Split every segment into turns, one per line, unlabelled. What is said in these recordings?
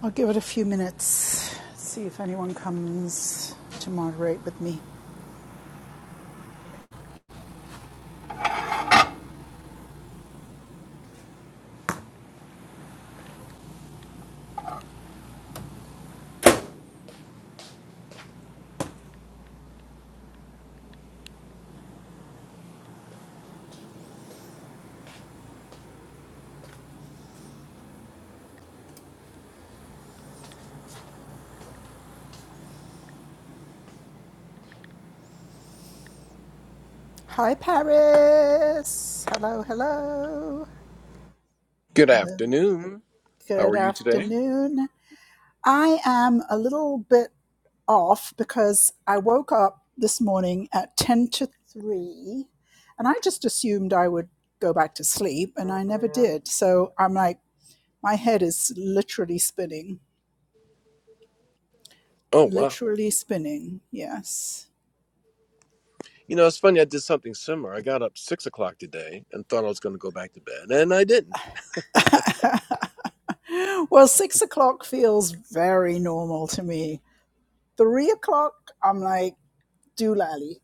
I'll give it a few minutes, see if anyone comes to moderate with me. Hi, Paris. Hello, hello.
Good
Hello.
afternoon. How are
Good
you today?
afternoon. I am a little bit off because I woke up this morning at 10 to 3 and I just assumed I would go back to sleep and I never did. So I'm like, my head is literally spinning.
Oh, wow.
Literally spinning. Yes.
You know, it's funny, I did something similar. I got up six o'clock today and thought I was going to go back to bed, and I didn't.
Well, six o'clock feels very normal to me. Three o'clock, I'm like, doolally.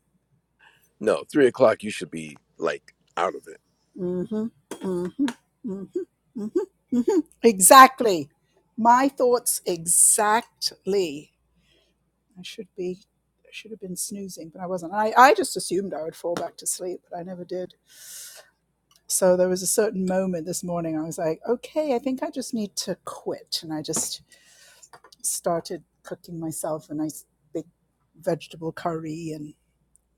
No, three o'clock, you should be like out of it.
Mm-hmm, mm-hmm, mm-hmm, mm-hmm, hmm Exactly. My thoughts exactly. I should be, I should have been snoozing, but I wasn't. I, I just assumed I would fall back to sleep, but I never did. So there was a certain moment this morning I was like, okay, I think I just need to quit. And I just started cooking myself a nice big vegetable curry and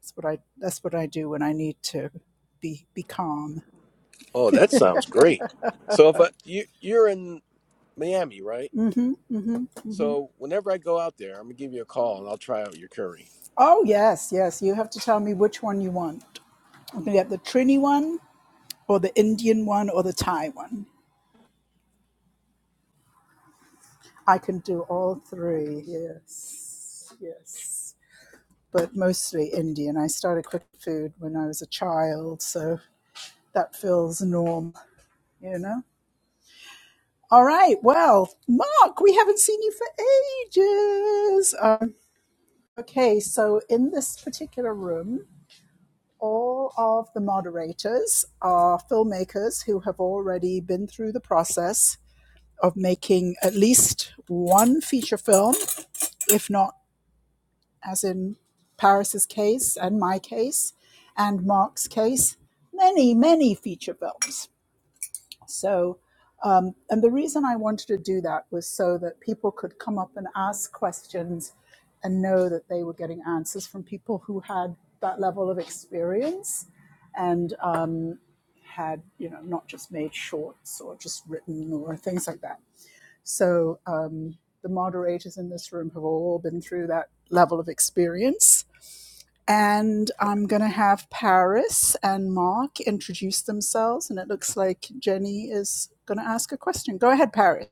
That's what I. That's what I do when I need to be be calm.
Oh, that sounds great. So, if I, you, you're in Miami, right?
Mm-hmm. Mm-hmm. Mm-hmm.
So, whenever I go out there, I'm going to give you a call and I'll try out your curry.
Oh yes, yes. You have to tell me which one you want. I'm gonna get the Trini one, or the Indian one, or the Thai one. I can do all three. Yes. Yes. But mostly Indian. I started cooking food when I was a child, so that feels normal. You know. All right. Well, Mark, we haven't seen you for ages. Um, Okay, so in this particular room, all of the moderators are filmmakers who have already been through the process of making at least one feature film, if not, as in Paris's case and my case and Mark's case, many, many feature films. So, um, and the reason I wanted to do that was so that people could come up and ask questions and know that they were getting answers from people who had that level of experience and um, had, you know, not just made shorts or just written or things like that. So um, the moderators in this room have all been through that level of experience. And I'm going to have Paris and Mark introduce themselves. And it looks like Jenny is going to ask a question. Go ahead, Paris.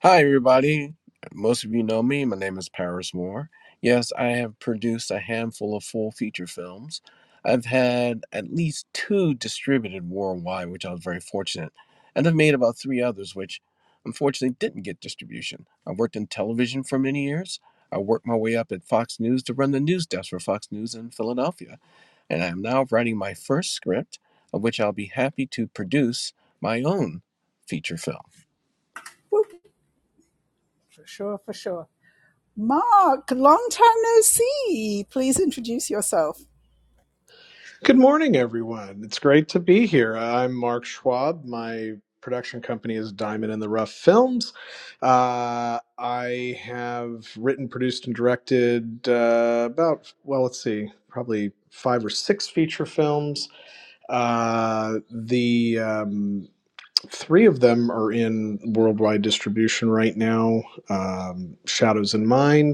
Hi, everybody. Most of you know me. My name is Paris Moore. Yes, I have produced a handful of full feature films. I've had at least two distributed worldwide, which I was very fortunate, and I've made about three others, which unfortunately didn't get distribution. I worked in television for many years. I worked my way up at Fox News to run the news desk for Fox News in Philadelphia, and I am now writing my first script, of which I'll be happy to produce my own feature film.
For sure, for sure. Mark, long time no see. Please introduce yourself.
Good morning, everyone. It's great to be here. I'm Mark Schwab. My production company is Diamond in the Rough Films. Uh, I have written, produced, and directed uh, about, well, let's see, probably five or six feature films. Uh, the um, three of them are in worldwide distribution right now um, Shadows in Mind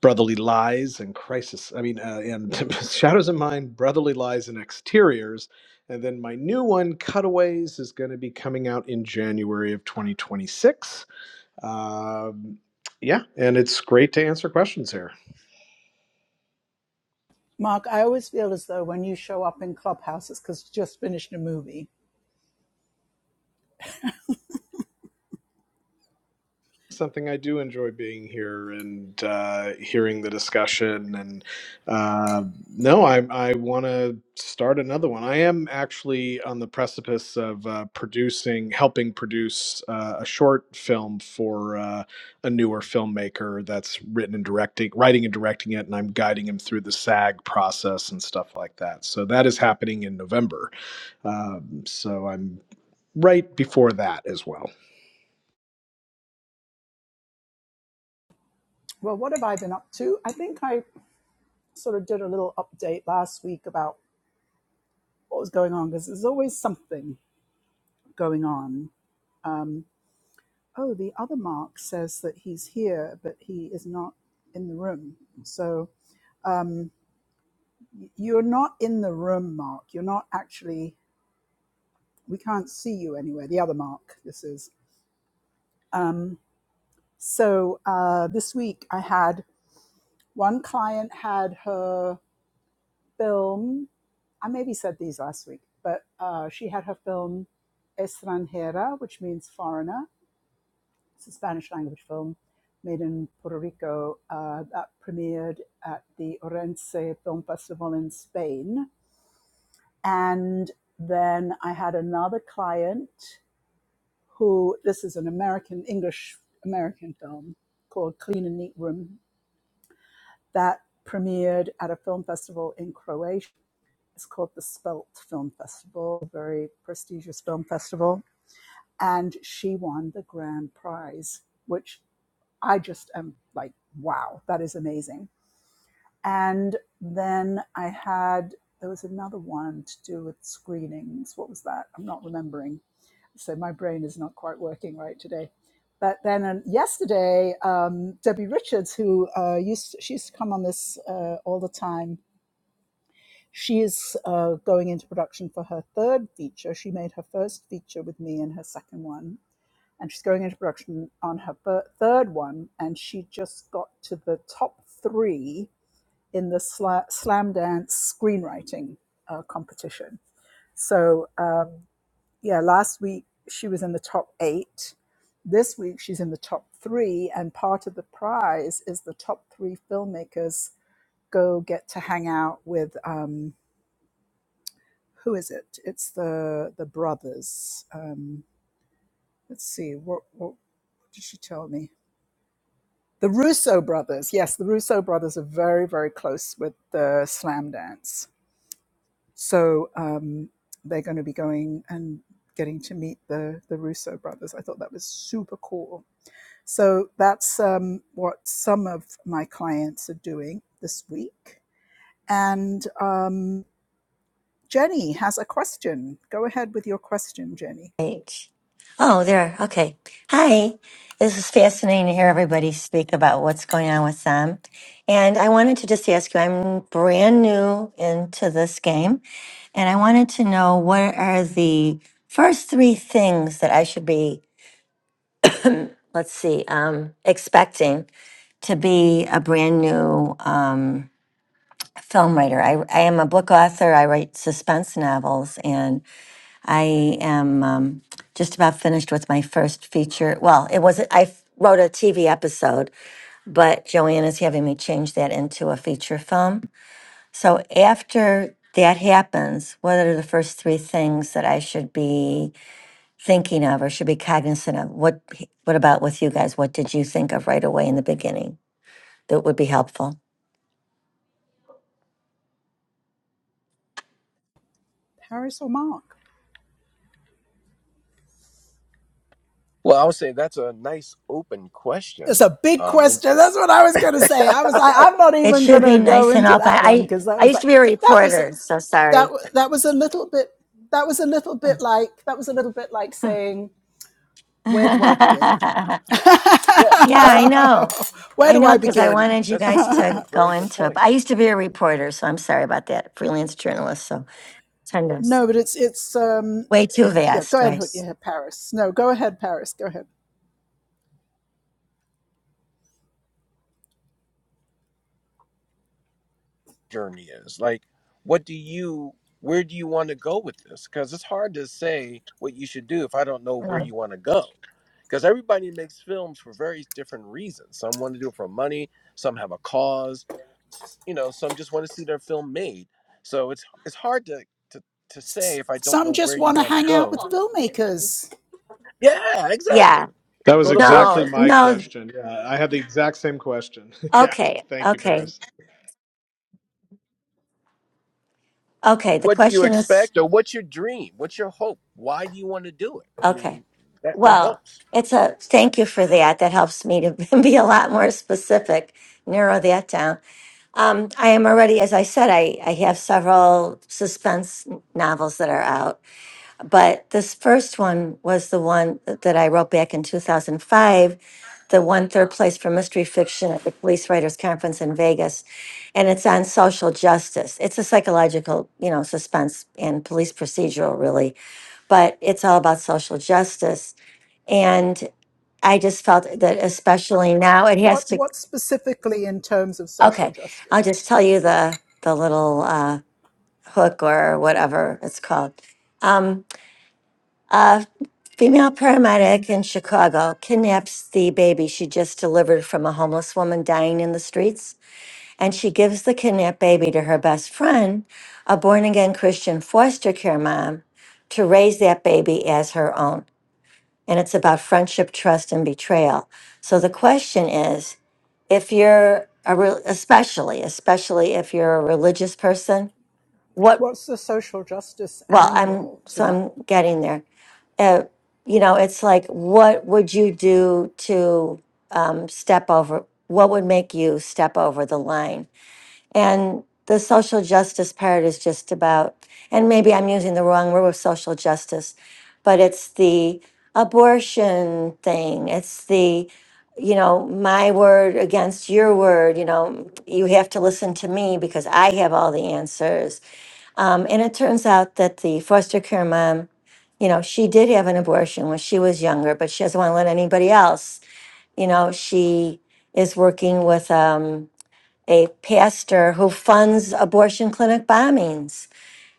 brotherly lies and crisis i mean uh, and shadows of mind brotherly lies and exteriors and then my new one cutaways is going to be coming out in january of 2026 um, yeah and it's great to answer questions here
Mark, I always feel as though when you show up in clubhouses because you just finished a movie.
something I do enjoy being here and uh, hearing the discussion. And uh, no, I I want to start another one. I am actually on the precipice of uh, producing, helping produce uh, a short film for uh, a newer filmmaker that's written and directing, writing and directing it, and I'm guiding him through the SAG process and stuff like that. So that is happening in November. Um, so I'm right before that as well.
Well, what have I been up to? I think I sort of did a little update last week about what was going on because there's always something going on. Oh, the other Mark says that he's here, but he is not in the room. So y- you're not in the room, Mark. You're not actually, we can't see you anywhere. The other Mark, this is. Um, so uh, this week I had one client had her film. I maybe said these last week, but uh, she had her film Estranjera, which means foreigner It's a Spanish language film made in Puerto Rico uh, that premiered at the Orense Film Festival in Spain. And then I had another client who, this is an American, English American film called Clean and Neat Room that premiered at a film festival in Croatia. It's called the Spelt Film Festival, a very prestigious film festival. And she won the grand prize, which I just am like, wow, that is amazing. And then I had, there was another one to do with screenings. What was that? I'm not remembering. So my brain is not quite working right today. But then um, yesterday, um, Debbie Richards, who uh, used to, she used to come on this uh, all the time, she is uh, going into production for her third feature. She made her first feature with me and her second one and she's going into production on her fir- third one, and she just got to the top three in the sla- slam dance screenwriting uh, competition. So um, yeah, last week she was in the top eight. This week she's in the top three, and part of the prize is the top three filmmakers go get to hang out with um, who is it? It's the the brothers. Um, let's see what what did she tell me? The Russo brothers, yes, the Russo brothers are very, very close with the slam dance. So um, they're going to be going and getting to meet the, the Russo brothers. I thought that was super cool. So that's um, what some of my clients are doing this week. And um, Jenny has a question. Go ahead with your question, Jenny.
H. Oh, there. Okay. Hi. This is fascinating to hear everybody speak about what's going on with them. And I wanted to just ask you I'm brand new into this game, and I wanted to know what are the first three things that I should be, let's see, um, expecting to be a brand new um, film writer. I, I am a book author, I write suspense novels, and. I am um, just about finished with my first feature. Well, it wasn't, I f- wrote a TV episode, but Joanne is having me change that into a feature film. So after that happens, what are the first three things that I should be thinking of or should be cognizant of? What, what about with you guys? What did you think of right away in the beginning that would be helpful?
Paris or Mark?
Well, I would say that's a nice open
It's
question.
a big
Um, and-
question. That's what I was going to say. I was like, I'm not
It
even going
should be
to go
nice and
into
up.
that
I,
one
I,
because that
I
was
used
like
to be a
that was
reporter, so
that
sorry.
that was a little bit that was a little bit like that was a little bit like saying where do I begin?
yeah,
Yeah, I
kind of.
know.
where
I
do
know
I
That
because
that's
I
a
begin?
wanted you
that's a
guys
that's
to
a
go
very good
into it.
point.
But I used to be a reporter, so I'm sorry about that. Freelance journalist, so kind of
no, but it's it's um
way too
it, yeah. Go
vast,
ahead,
right?
Hoot- yeah, Paris. No, go ahead, Paris. Go ahead.
Journey is like, what do you? Where do you want to go with this? Because it's hard to say what you should do if I don't know where
Yeah.
you want to go. Because everybody makes films for very different reasons. Some want to do it for money. Some have a cause. You know, some just want to see their film made. So it's it's hard to to to say if I don't
Some
know where
just
you
want to
want to
hang out
go
with filmmakers.
Yeah, exactly.
Yeah.
That was
Go to film
exactly
No,
my
festivals.
no.
question. Yeah, I had the exact same question. yeah,
Okay.
thank you,
Okay.
Paris.
Okay. The
What do you
question is
expect, or what's your dream? What's your hope? Why do you want to do it? I
okay.
mean, that that
Well,
helps.
it's a thank you for that. That helps me to be a lot more specific, narrow that down. Um, I am already, as I said, I, I have several suspense novels that are out. but this first one was the one that I wrote back in 2005, the one third place for mystery fiction at the Police Writers Conference in Vegas. And it's on social justice. It's a psychological, you know, suspense and police procedural, really, but it's all about social justice. And I just felt that, especially now, it
What
has to.
what specifically in terms of social
Okay,
justice?
I'll just tell you the the little uh, hook or whatever it's called. Um, uh, Female paramedic in Chicago kidnaps the baby she just delivered from a homeless woman dying in the streets, and she gives the kidnapped baby to her best friend, a born again Christian foster care mom, to raise that baby as her own. And it's about friendship, trust, and betrayal. So the question is if you're a real, especially, especially if you're a religious person, what,
what's the social justice
well, I'm,
angle to
so
that?
I'm getting there uh, you know, it's like, what would you do to um, step over? What would make you step over the line? And the social justice part is just about, and maybe I'm using the wrong word with social justice, but it's the abortion thing. It's the, you know, my word against your word. You know, you have to listen to me because I have all the answers. Um, and it turns out that the foster care mom, you know, she did have an abortion when she was younger, but she doesn't want to let anybody else. You know, she is working with um, a pastor who funds abortion clinic bombings.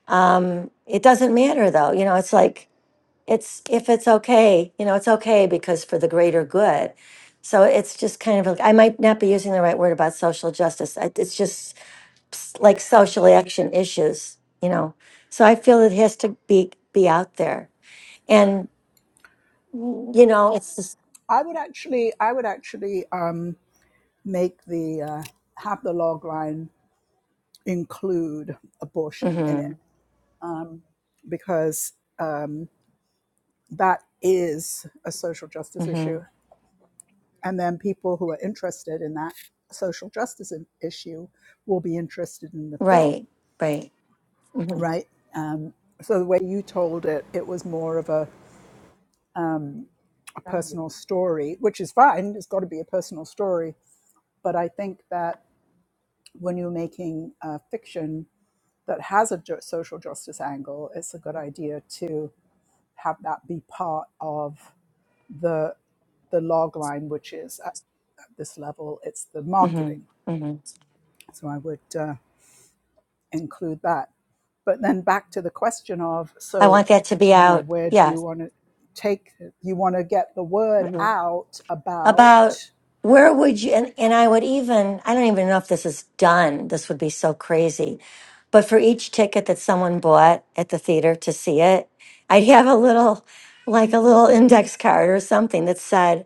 Um, it doesn't matter though. You know, it's like, it's if it's okay, you know, it's okay because for the greater good. So it's just kind of like, I might not be using the right word about social justice. I- It's just s- like social action issues, you know. So I feel it has to be be out there, and you know, it's just,
I would actually, I would actually um, make the uh, have the log line include abortion in
hmm
it because that is a social justice
hmm
issue, and then people who are interested in that social justice issue will be interested in the
right,
film,
right. hmm
right? Um, so the way you told it, it was more of a, a personal story, which is fine. It's got to be a personal story, but I think that when you're making uh, fiction that has a ju- social justice angle, it's a good idea to have that be part of the the log line, which is at, at this level, it's the
hmm
marketing.
hmm
So I would uh, include that. But then back to the question of
I
so,
want that to be
you know,
out.
where do
Yeah.
you want to take? You want to get the word out about,
about where would you and, and I would even I don't even know if this is done. This would be so crazy. But for each ticket that someone bought at the theater to see it, I'd have a little like a little index card or something that said,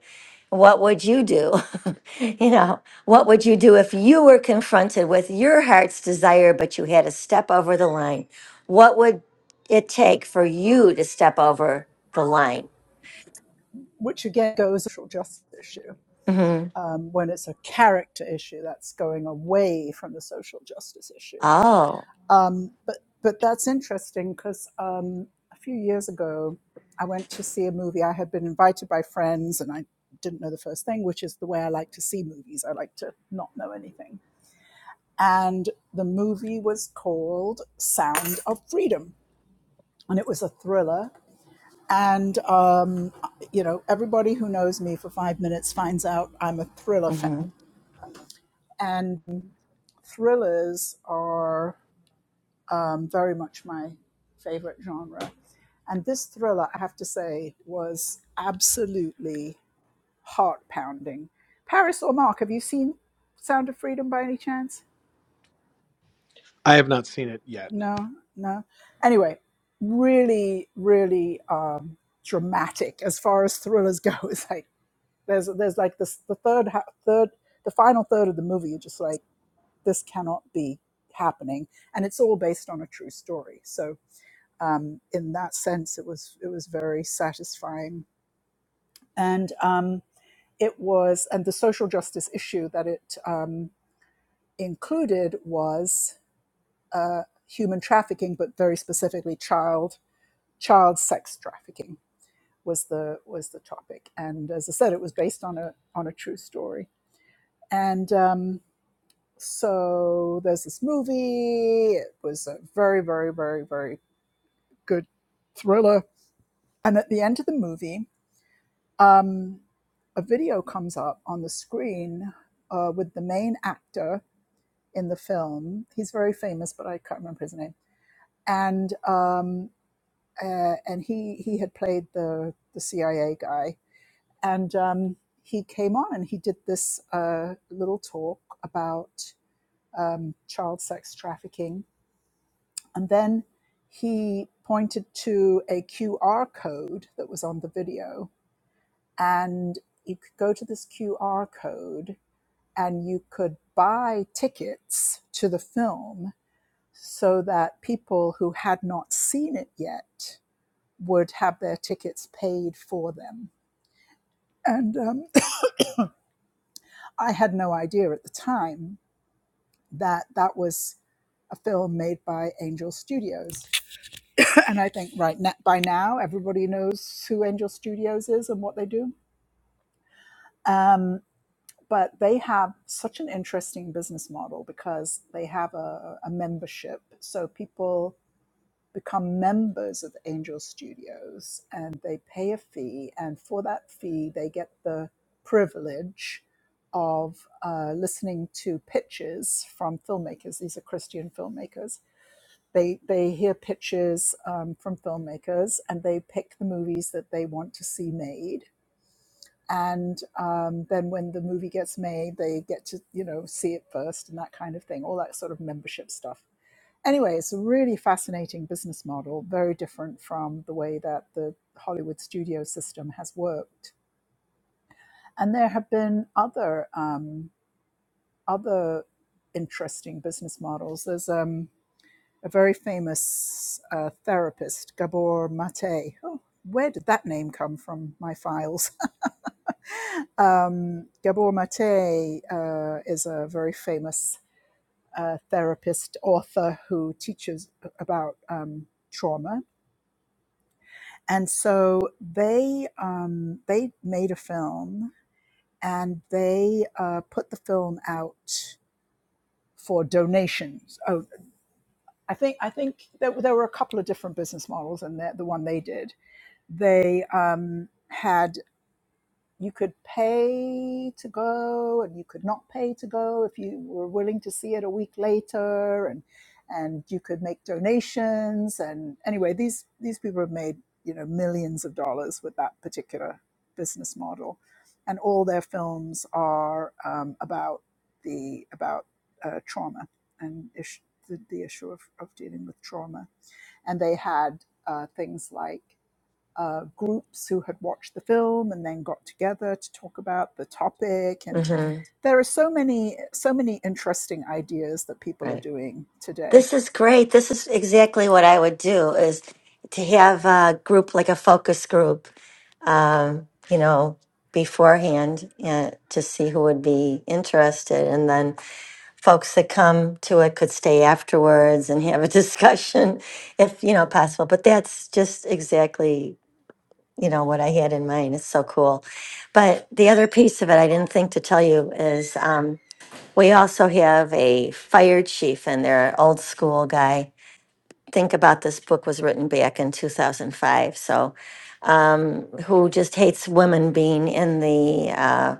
What would you do? you know, what would you do if you were confronted with your heart's desire, but you had to step over the line? What would it take for you to step over the line?
which again goes to the social justice issue
hmm
um, when it's a character issue that's going away from the social justice issue.
Oh.
Um, but but that's interesting because um, a few years ago, I went to see a movie. I had been invited by friends, and I didn't know the first thing, which is the way I like to see movies. I like to not know anything. And the movie was called Sound of Freedom, and it was a thriller. And um, you know, everybody who knows me for five minutes finds out I'm a thriller fan
hmm
and thrillers are um, very much my favorite genre. And this thriller, I have to say, was absolutely heart pounding. Paris or Mark, have you seen Sound of Freedom by any chance?
I have not seen it yet.
No, no. Anyway, really, really um, dramatic as far as thrillers go. It's like there's there's like this the third ha- third the final third of the movie. You're just like this cannot be happening, and it's all based on a true story. So um, in that sense, it was it was very satisfying, and um, it was and the social justice issue that it um, included was uh, human trafficking, but very specifically child child sex trafficking was the was the topic, and as I said, it was based on a on a true story, and um, so there's this movie. It was a very very very very good thriller, and at the end of the movie um, a video comes up on the screen uh, with the main actor in the film. He's very famous, but I can't remember his name. And um, uh, and he he had played the the CIA guy, and um, he came on and he did this uh, little talk about um, child sex trafficking, and then he pointed to a QR code that was on the video, and you could go to this QR code and you could buy tickets to the film so that people who had not seen it yet would have their tickets paid for them. And um, I had no idea at the time that that was a film made by Angel Studios. And I think right now, by now, everybody knows who Angel Studios is and what they do. Um, but they have such an interesting business model because they have a, a membership. So people become members of Angel Studios and they pay a fee. And for that fee, they get the privilege of uh, listening to pitches from filmmakers. These are Christian filmmakers. They, they hear pitches um, from filmmakers and they pick the movies that they want to see made. And um, then when the movie gets made, they get to, you know, see it first and that kind of thing, all that sort of membership stuff anyway, it's a really fascinating business model, very different from the way that the Hollywood studio system has worked. And there have been other um, other interesting business models. There's um, a very famous uh, therapist, Gabor Mate. Oh, where did that name come from? My files. um, Gabor Mate uh, is a very famous uh, therapist, author who teaches about um, trauma and so they um, they made a film and they uh, put the film out for donations. Oh, I think I think there, there were a couple of different business models, and the, the one they did, they um, had. you could pay to go and you could not pay to go if you were willing to see it a week later and and you could make donations and anyway these these people have made you know millions of dollars with that particular business model and all their films are um, about the about uh, trauma and ish, the, the issue of, of dealing with trauma and they had uh, things like uh, groups who had watched the film and then got together to talk about the topic. And
hmm
there are so many, so many interesting ideas that people are
Right.
doing today.
This is great. This is exactly what I would do is to have a group like a focus group, um, you know, beforehand uh, to see who would be interested. And then folks that come to it could stay afterwards and have a discussion if, you know, possible. But that's just exactly, you know, what I had in mind. It's so cool. But the other piece of it I didn't think to tell you is um, we also have a fire chief and they old school guy. Think about this book was written back in 2005. So, um, who just hates women being in the uh,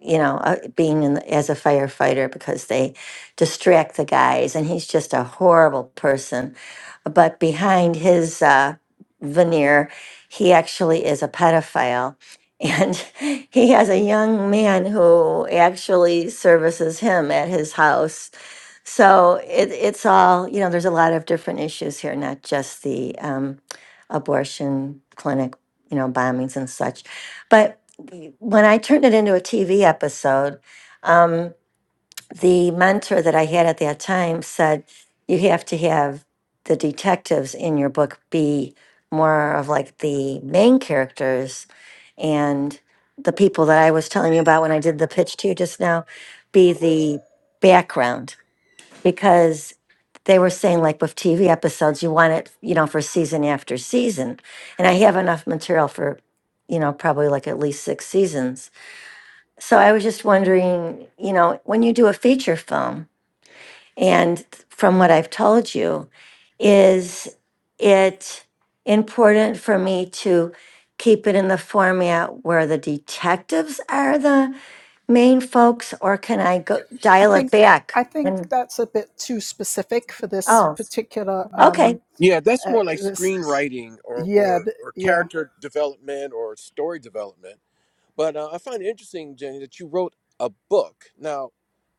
you know, uh, being in the, as a firefighter because they distract the guys, and he's just a horrible person. But behind his uh, veneer, he actually is a pedophile, and he has a young man who actually services him at his house so it, it's all, you know, there's a lot of different issues here, not just the um, abortion clinic, you know, bombings and such. But when I turned it into a TV episode, um, the mentor that I had at that time said, you have to have the detectives in your book be more of like the main characters and the people that I was telling you about when I did the pitch to you just now be the background because they were saying like with TV episodes, you want it, you know, for season after season. And I have enough material for, you know, probably like at least six seasons. So I was just wondering, you know, when you do a feature film, and from what I've told you, is it important for me to keep it in the format where the detectives are the main folks, or can I go
I
dial it
think
back?
I think
And
that's a bit too specific for this
oh,
particular
okay.
um
Yeah, that's
uh,
more like
this
screenwriting or
yeah
or, or
yeah.
character development or story development. But uh, I find it interesting, Jenny, that you wrote a book. Now,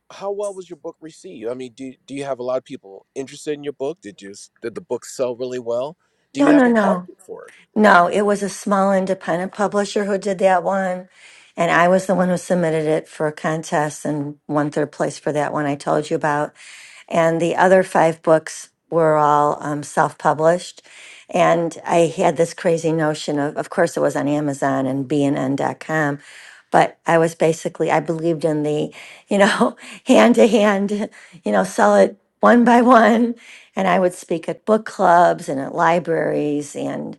how well was your book received? I mean, do do you have a lot of people interested in your book? Did you did the book sell really well? Do
No,
you have
no,
a
no.
market for it?
No, it was a small independent publisher who did that one. And I was the one who submitted it for a contest and won third place for that one I told you about. And the other five books were all um, self published. And I had this crazy notion of, of course, it was on Amazon and B and dot com, But I was basically, I believed in the, you know, hand to hand, you know, sell it one by one. And I would speak at book clubs and at libraries and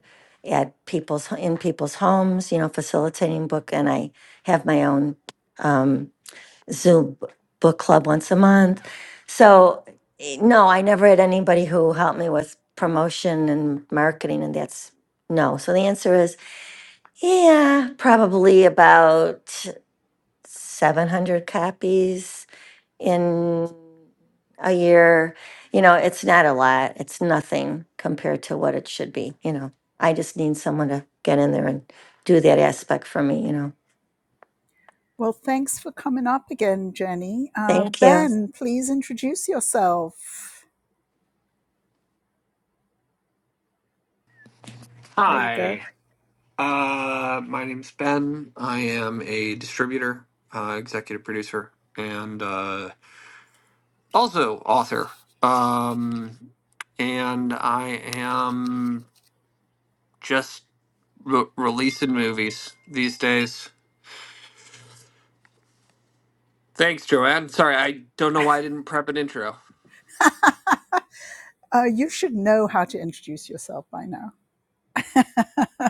at people's, in people's homes, you know, facilitating book. And I have my own. um, Zoom b- book club once a month. So, eh, no, I never had anybody who helped me with promotion and marketing, and that's no. So the answer is yeah, probably about 700 copies in a year. You know, it's not a lot, it's nothing compared to what it should be. You know, I just need someone to get in there and do that aspect for me, you know.
Well, thanks for coming up again, Jenny. Uh,
Thank you.
ben, please introduce yourself. There you go.
Hi, uh, my name's Ben. I am a distributor, uh, executive producer, and uh, also author. Um, and I am just re- releasing movies these days. Thanks, Joanne. Sorry, I don't know why I didn't prep an intro.
Uh, you should know how to introduce yourself by now.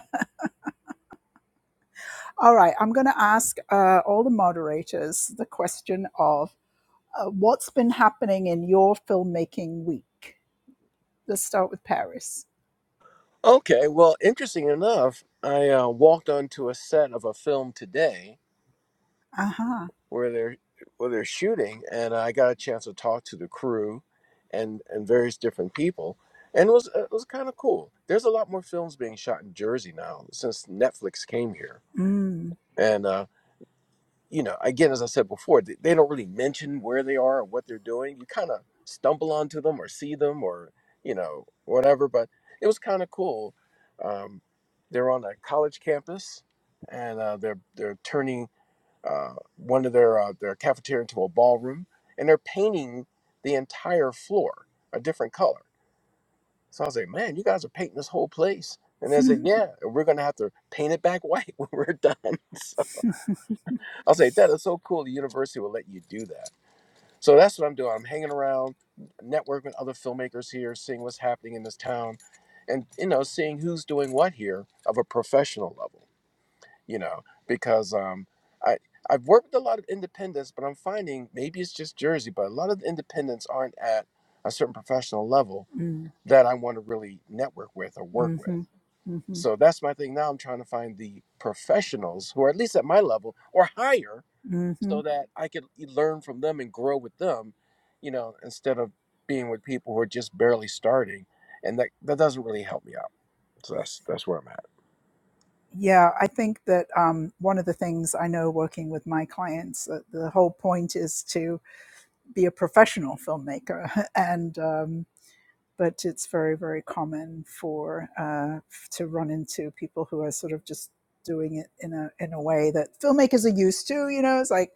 All right, I'm going to ask uh, all the moderators the question of uh, what's been happening in your filmmaking week? Let's start with Paris.
Okay, well, interesting enough, I uh, walked onto a set of a film today
Uh-huh.
where they're where they're shooting, and I got a chance to talk to the crew and and various different people, and it was it was kind of cool. There's a lot more films being shot in Jersey now since Netflix came here,
Mm.
and uh, you know, again, as I said before, they, they don't really mention where they are or what they're doing. You kind of stumble onto them or see them or, you know, whatever. But it was kind of cool. Um, they're on a college campus and uh, they're, they're turning uh, one of their, uh, their cafeteria into a ballroom and they're painting the entire floor a different color. So I was like, man, you guys are painting this whole place. And they said,
mm.
yeah, we're going to have to paint it back white when we're done. I'll say, Dad, it's so cool. The university will let you do that. So that's what I'm doing. I'm hanging around, networking with other filmmakers here, seeing what's happening in this town, and you know, seeing who's doing what here of a professional level. You know, because um, I I've worked with a lot of independents, but I'm finding maybe it's just Jersey, but a lot of the independents aren't at a certain professional level that I want to really network with or work with.
Mm-hmm. Mm-hmm.
So that's my thing now. I'm trying to find the professionals who are at least at my level or higher
Mm-hmm.
so that I could e- learn from them and grow with them, you know, instead of being with people who are just barely starting, and that that doesn't really help me out. So that's that's where I'm at.
Yeah, I think that um, one of the things I know working with my clients, uh, the whole point is to be a professional filmmaker. And um, but it's very very common for uh, to run into people who are sort of just doing it in a in a way that filmmakers are used to. You know, it's like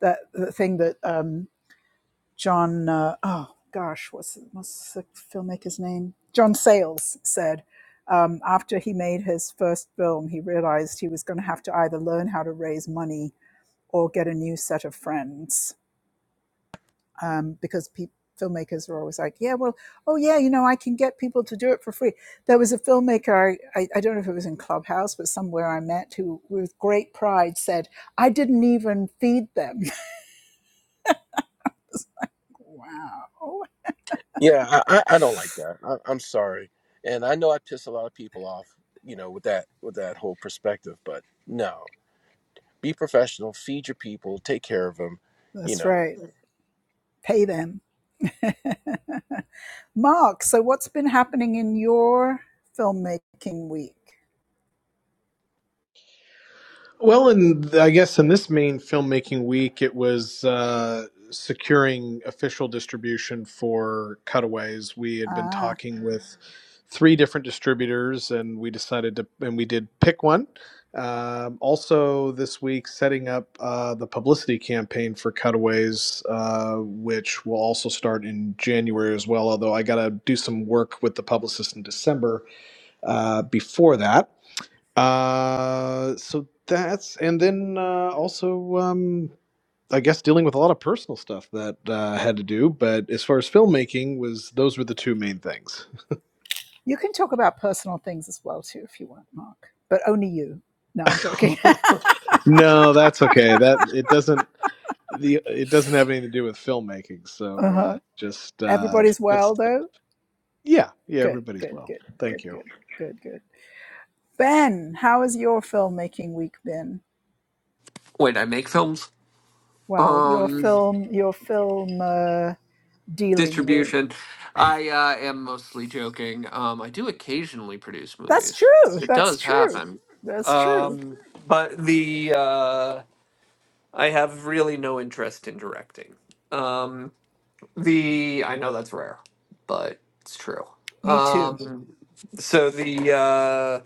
that the thing that um, John uh, oh gosh what's what's the filmmaker's name John Sayles said. Um, after he made his first film, he realized he was going to have to either learn how to raise money or get a new set of friends um, because pe- filmmakers are always like, yeah, well, oh yeah, you know, I can get people to do it for free. There was a filmmaker, I, I, I don't know if it was in Clubhouse, but somewhere I met, who with great pride said, I didn't even feed them. wow.
Yeah, I, I I don't like that. I, I'm sorry, and I know I piss a lot of people off, you know, with that with that whole perspective. But no, be professional, feed your people, take care of them, you
That's
know.
right. Pay them. Mark, so what's been happening in your filmmaking week?
Well, and I guess in this main filmmaking week, it was uh, securing official distribution for Cutaways. We had been
Ah,
talking with three different distributors, and we decided to, and we did pick one. Um, also, this week, setting up uh, the publicity campaign for Cutaways, uh, which will also start in January as well. Although I got to do some work with the publicist in December uh, before that uh, so that's and then uh, also um, I guess dealing with a lot of personal stuff that uh, I had to do. But as far as filmmaking was, those were the two main things.
you can talk about personal things as well too if you want, Mark, but only you. No, I'm joking.
no, that's okay. That it doesn't the it doesn't have anything to do with filmmaking. So
uh-huh.
uh, just uh,
Everybody's well
just
though.
yeah yeah
Good,
everybody's
good,
well.
good, good,
Thank you.
good, good, good. Ben, how has your filmmaking week been?
Wait, I make films?
Well, your
Um,
film, your film uh, dealing with.
distribution. I uh, am mostly joking. Um, I do occasionally produce
That's
movies.
true.
It
That's
does
true.
happen,
That's true.
um, but the uh, I have really no interest in directing. Um, the I know that's rare, but it's true.
Me too.
Um, so the uh,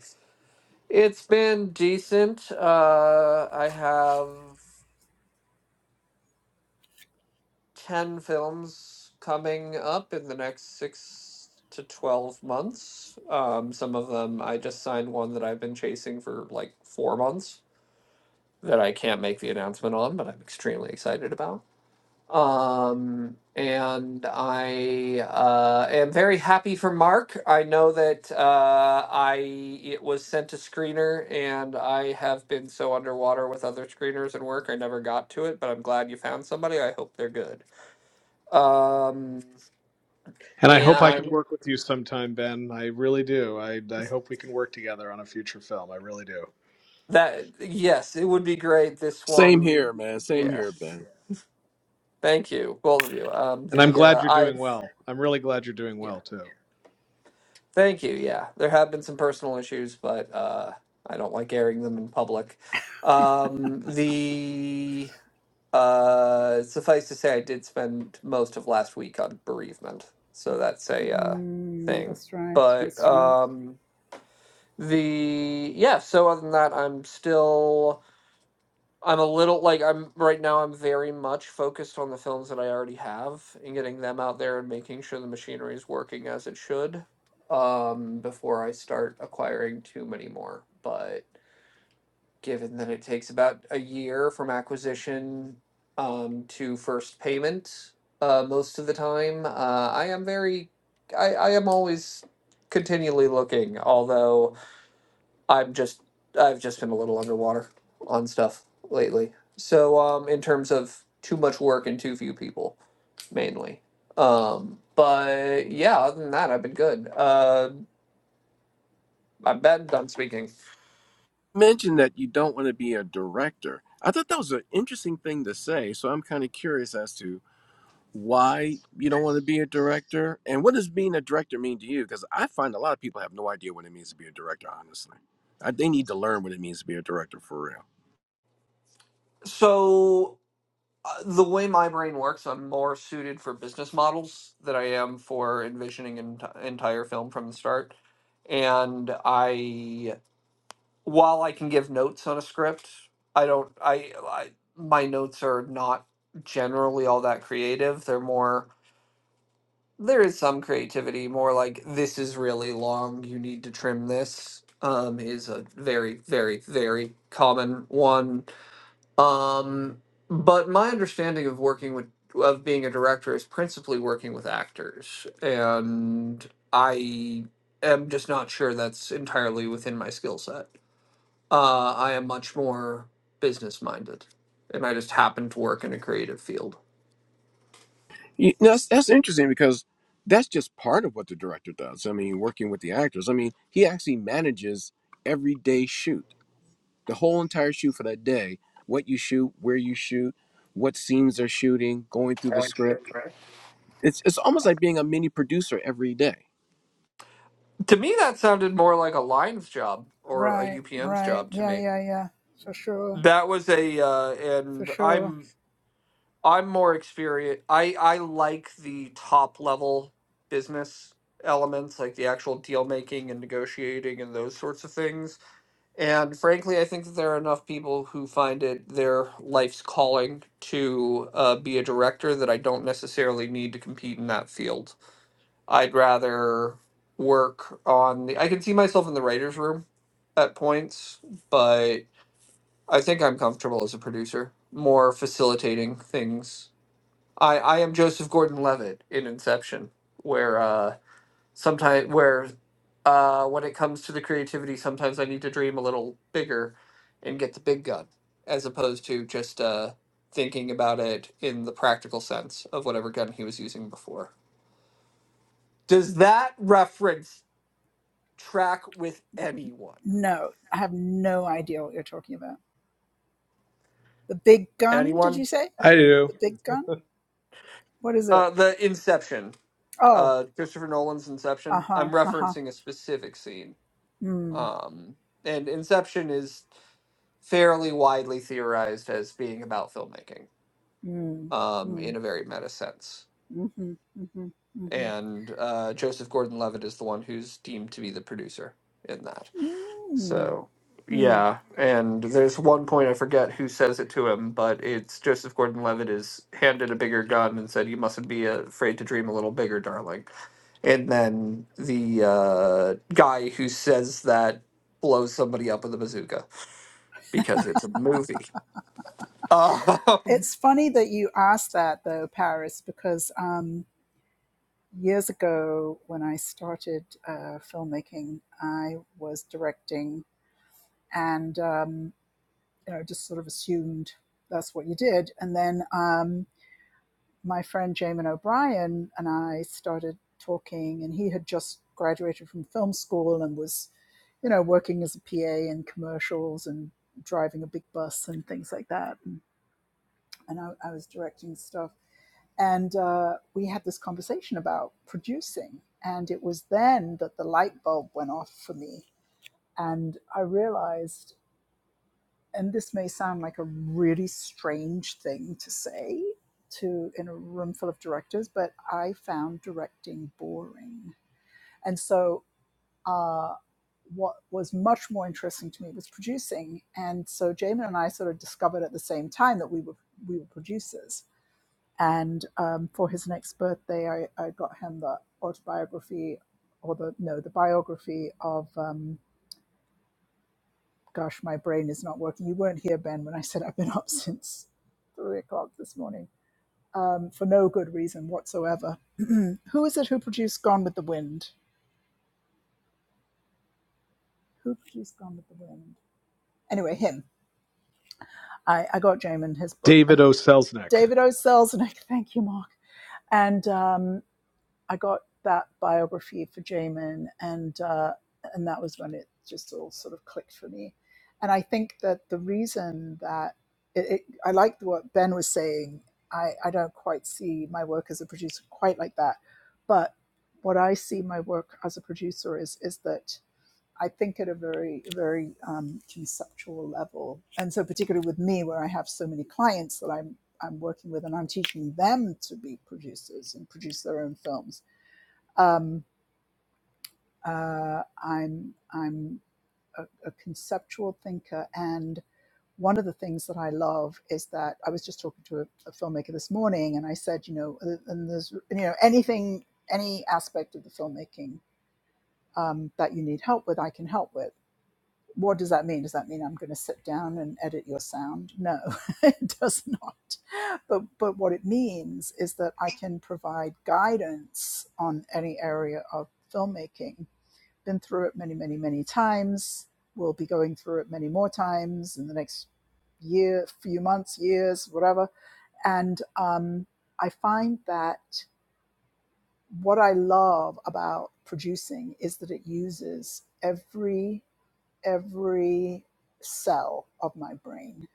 it's been decent. Uh, I have. 10 films coming up in the next six to 12 months. Um, some of them, I just signed one that I've been chasing for like four months that I can't make the announcement on, but I'm extremely excited about. Um, and I uh, am very happy for Mark. I know that uh, I it was sent to screener, and I have been so underwater with other screeners and work, I never got to it, but I'm glad you found somebody. I hope they're good. Um,
And I hope I
and
can
Um,
work with you sometime, Ben. I really do. I I hope we can work together on a future film. I really do.
that, yes, it would be great. This
Same
one,
here, man. Same
yeah.
here, Ben.
Thank you, both of you. Um,
And I'm
the
glad
uh,
you're
I,
doing well. I'm really glad you're doing well
yeah,
too.
thank you. Yeah, there have been some personal issues, but uh, I don't like airing them in public. Um, the uh, suffice to say, I did spend most of last week on bereavement, so that's a uh,
Mm,
thing.
that's right.
But
That's right.
um, the yeah. So other than that, I'm still. I'm a little like I'm right now I'm very much focused on the films that I already have and getting them out there and making sure the machinery is working as it should um before I start acquiring too many more. But given that it takes about a year from acquisition um to first payment uh most of the time, uh I am very I I am always continually looking, although I'm just I've just been a little underwater on stuff lately. So um in terms of too much work and too few people mainly. Um but yeah, other than that I've been good. Uh I'm bad done speaking.
Mentioned that you don't want to be a director. I thought that was an interesting thing to say, so I'm kind of curious as to why you don't want to be a director and what does being a director mean to you? Because I find a lot of people have no idea what it means to be a director, honestly. I, they need to learn what it means to be a director for real.
So uh, the way my brain works, I'm more suited for business models than I am for envisioning an enti- entire film from the start. And I while I can give notes on a script, I don't. I, I my notes are not generally all that creative. They're more. There is some creativity, more like this is really long. You need to trim this. Um, is a very, very, very common one. Um, but my understanding of working with of being a director is principally working with actors, and I am just not sure that's entirely within my skill set. Uh, I am much more business minded, and I just happen to work in a creative field.
You, that's that's interesting because that's just part of what the director does. I mean, working with the actors. I mean, he actually manages every day shoot, the whole entire shoot for that day. What you shoot, where you shoot, what scenes they're shooting, going through the script. It's it's almost like being a mini producer every day.
To me, that sounded more like a lines job or a
Right.
UPM's
Right.
job to
Yeah.
me.
Yeah. Yeah. For sure.
That was a, uh,
For
and
sure.
I'm I'm more experienced. I I like the top level business elements, like the actual deal making and negotiating and those sorts of things. And frankly, I think that there are enough people who find it their life's calling to uh, be a director that I don't necessarily need to compete in that field. I'd rather work on the. I can see myself in the writer's room at points, but I think I'm comfortable as a producer, more facilitating things. I, I am Joseph Gordon Levitt in Inception, where uh, sometimes where uh, when it comes to the creativity, sometimes I need to dream a little bigger and get the big gun as opposed to just uh, thinking about it in the practical sense of whatever gun he was using before. Does that reference track with anyone?
No, I have no idea what you're talking about. The big gun? Did
Anyone?
you say
I do.
the big gun? What is it?
Uh, the Inception,
Oh.
uh, Christopher Nolan's
Uh
Inception. I'm
huh. Uh huh.
referencing a specific scene.
Hmm.
Um, and Inception is fairly widely theorized as being about filmmaking.
Hmm.
um,
Hmm.
in a very meta sense.
Mm-hmm, mm-hmm, mm-hmm.
And uh, Joseph Gordon-Levitt is the one who's deemed to be the producer in that.
mm
So
mm.
yeah, and there's one point I forget who says it to him, but it's Joseph Gordon-Levitt is handed a bigger gun and said, "You mustn't be afraid to dream a little bigger, darling." And then the uh, guy who says that blows somebody up with a bazooka because it's a movie. Um,
It's funny that you asked that, though, Paris, because um, years ago when I started uh, filmmaking, I was directing and um, you know just sort of assumed that's what you did, and then um, my friend Jamin O'Brien and I started talking, and he had just graduated from film school and was, you know, working as a PA in commercials and driving a big bus and things like that. And I, I was directing stuff. And uh, we had this conversation about producing. And it was then that the light bulb went off for me. And I realized and this may sound like a really strange thing to say to in a room full of directors, but I found directing boring. And so uh, what was much more interesting to me was producing. And so Jamin and I sort of discovered at the same time that we were we were producers. And um, for his next birthday, I, I got him the autobiography or the no the biography of um, Gosh, my brain is not working. You weren't here, Ben, when I said I've been up since three o'clock this morning um, for no good reason whatsoever. who is it who produced Gone with the Wind? Who produced Gone with the Wind? Anyway, him. I, I got Jamin his book. And
David O. Selznick.
David O. Selznick, thank you, Mark. And um, I got that biography for Jamin, and uh, and that was when it just all sort of clicked for me. And I think that the reason that it, it, I liked what Ben was saying. I, I don't quite see my work as a producer quite like that, but what I see my work as a producer is is that I think at a very very um, conceptual level, and so particularly with me, where I have so many clients that I'm I'm working with, and I'm teaching them to be producers and produce their own films um, uh, I'm I'm a, a conceptual thinker, and one of the things that I love is that I was just talking to a, a filmmaker this morning, and I said, you know, uh, and there's you know anything, any aspect of the filmmaking um, that you need help with, I can help with. What does that mean? Does that mean I'm going to sit down and edit your sound? No, it does not. But but what it means is that I can provide guidance on any area of filmmaking been through it many, many, many times. We'll be going through it many more times in the next year, few months, years, whatever. And um, I find that what I love about producing is that it uses every every cell of my brain,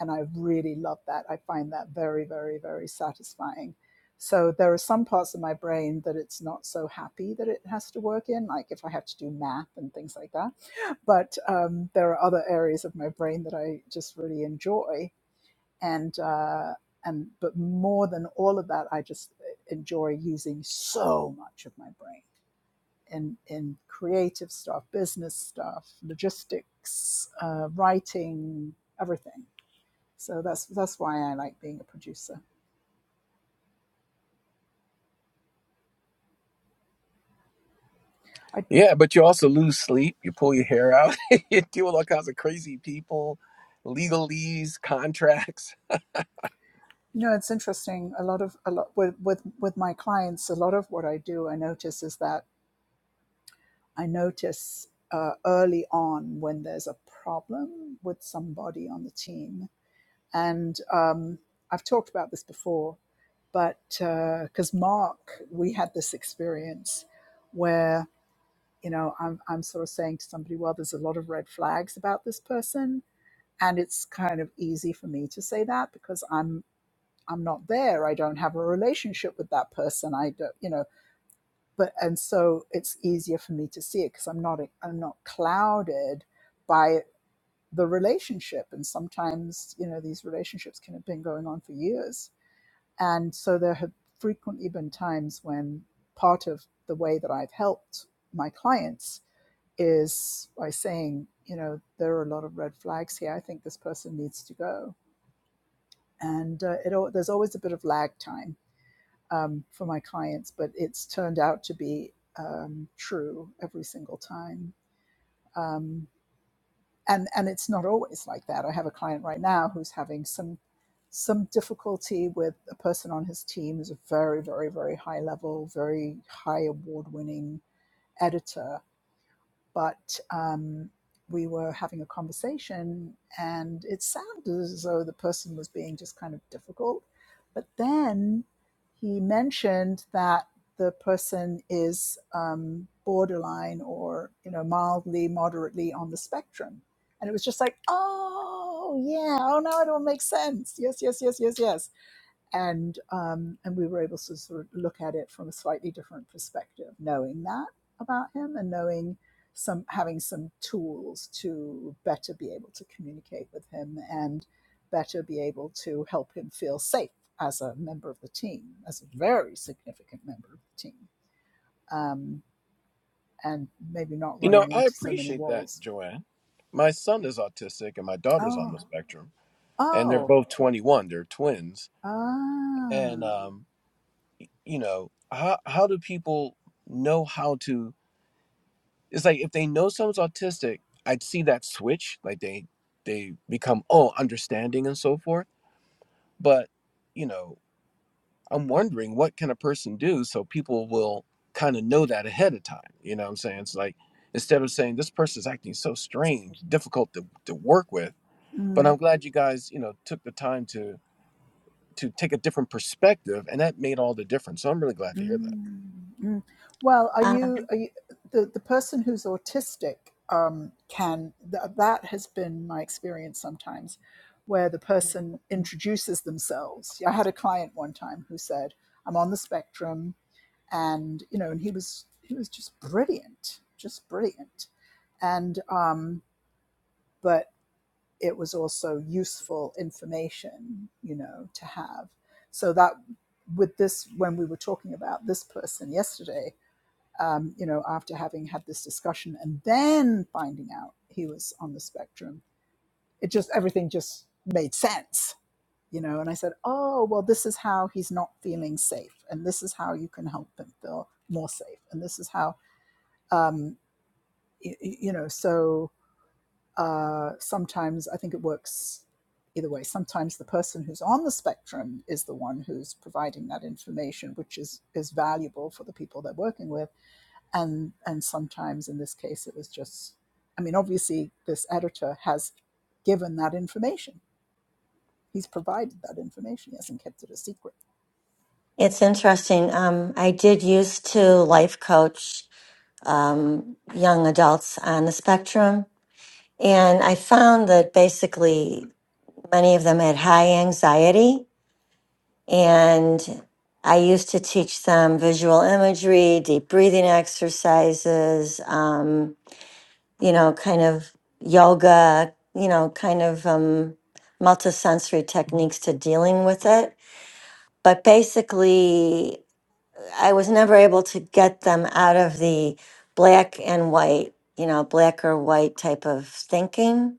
and I really love that. I find that very, very, very satisfying. So there are some parts of my brain that it's not so happy that it has to work in, like if I have to do math and things like that but um, there are other areas of my brain that I just really enjoy, and uh, and but more than all of that, I just uh, enjoy using so much of my brain in in creative stuff, business stuff, logistics, uh, writing, everything. So that's that's why I like being a producer. I
Yeah, but you also lose sleep. You pull your hair out. you deal with all kinds of crazy people, legalese, contracts.
you know it's interesting. A lot of a lot with with with my clients, a lot of what I do, I notice is that I notice uh, early on when there's a problem with somebody on the team. And um, I've talked about this before, but because uh, Mark, we had this experience where, you know, I'm, I'm sort of saying to somebody, well, there's a lot of red flags about this person. And it's kind of easy for me to say that because I'm I'm not there. I don't have a relationship with that person. I don't, you know, but and so it's easier for me to see it because I'm not e, I'm not clouded by the relationship. And sometimes you know these relationships can have been going on for years, and so there have frequently been times when part of the way that I've helped my clients is by saying, you know, there are a lot of red flags here. I think this person needs to go, and uh, it there's always a bit of lag time um, for my clients, but it's turned out to be um, true every single time. Um, and and it's not always like that. I have a client right now who's having some some difficulty with a person on his team who's a very very very high level, very high award winning editor but um, we were having a conversation and it sounded as though the person was being just kind of difficult. But then he mentioned that the person is um, borderline or, you know, mildly, moderately on the spectrum. And it was just like, oh, yeah, oh, now it all makes sense. Yes, yes, yes, yes, yes and um, and we were able to sort of look at it from a slightly different perspective, knowing that about him and knowing some having some tools to better be able to communicate with him and better be able to help him feel safe as a member of the team, as a very significant member of the team, um, and maybe not
You know,
running
I
into so many
appreciate that,
walls.
Joanne. My son is autistic and my daughter's on the
Oh,
spectrum. and they're
oh,
both 21 they're twins and
ah.
um you know how how do people know how to it's like if they know someone's autistic i'd see that switch like they they become oh understanding and so forth but you know i'm wondering what can a person do so people will kind of know that ahead of time you know what i'm saying it's like instead of saying this person's acting so strange difficult to, to work with
Mm.
but i'm glad you guys you know took the time to to take a different perspective, and that made all the difference. So I'm really glad to hear that.
Mm, mm. Well, are you, are you the, the person who's autistic? Um, can th- that has been my experience sometimes, where the person introduces themselves. I had a client one time who said, "I'm on the spectrum," and you know, and he was he was just brilliant, just brilliant, and um, but it was also useful information, you know, to have. So that with this, when we were talking about this person yesterday, um, you know, after having had this discussion and then finding out he was on the spectrum, it just everything just made sense, you know. And I said, oh, well, this is how he's not feeling safe, and this is how you can help him feel more safe, and this is how, um, y- you know, so uh, sometimes I think it works either way. Sometimes the person who's on the spectrum is the one who's providing that information, which is is valuable for the people they're working with, and and sometimes in this case it was just. I mean, obviously this editor has given that information. He's provided that information. He hasn't kept it a secret.
It's interesting. Um, I did used to life coach um, young adults on the spectrum, and I found that basically many of them had high anxiety. And I used to teach them visual imagery, deep breathing exercises, um, you know, kind of yoga, you know, kind of um, multisensory techniques to dealing with it. But basically, I was never able to get them out of the black and white, you know, black or white type of thinking.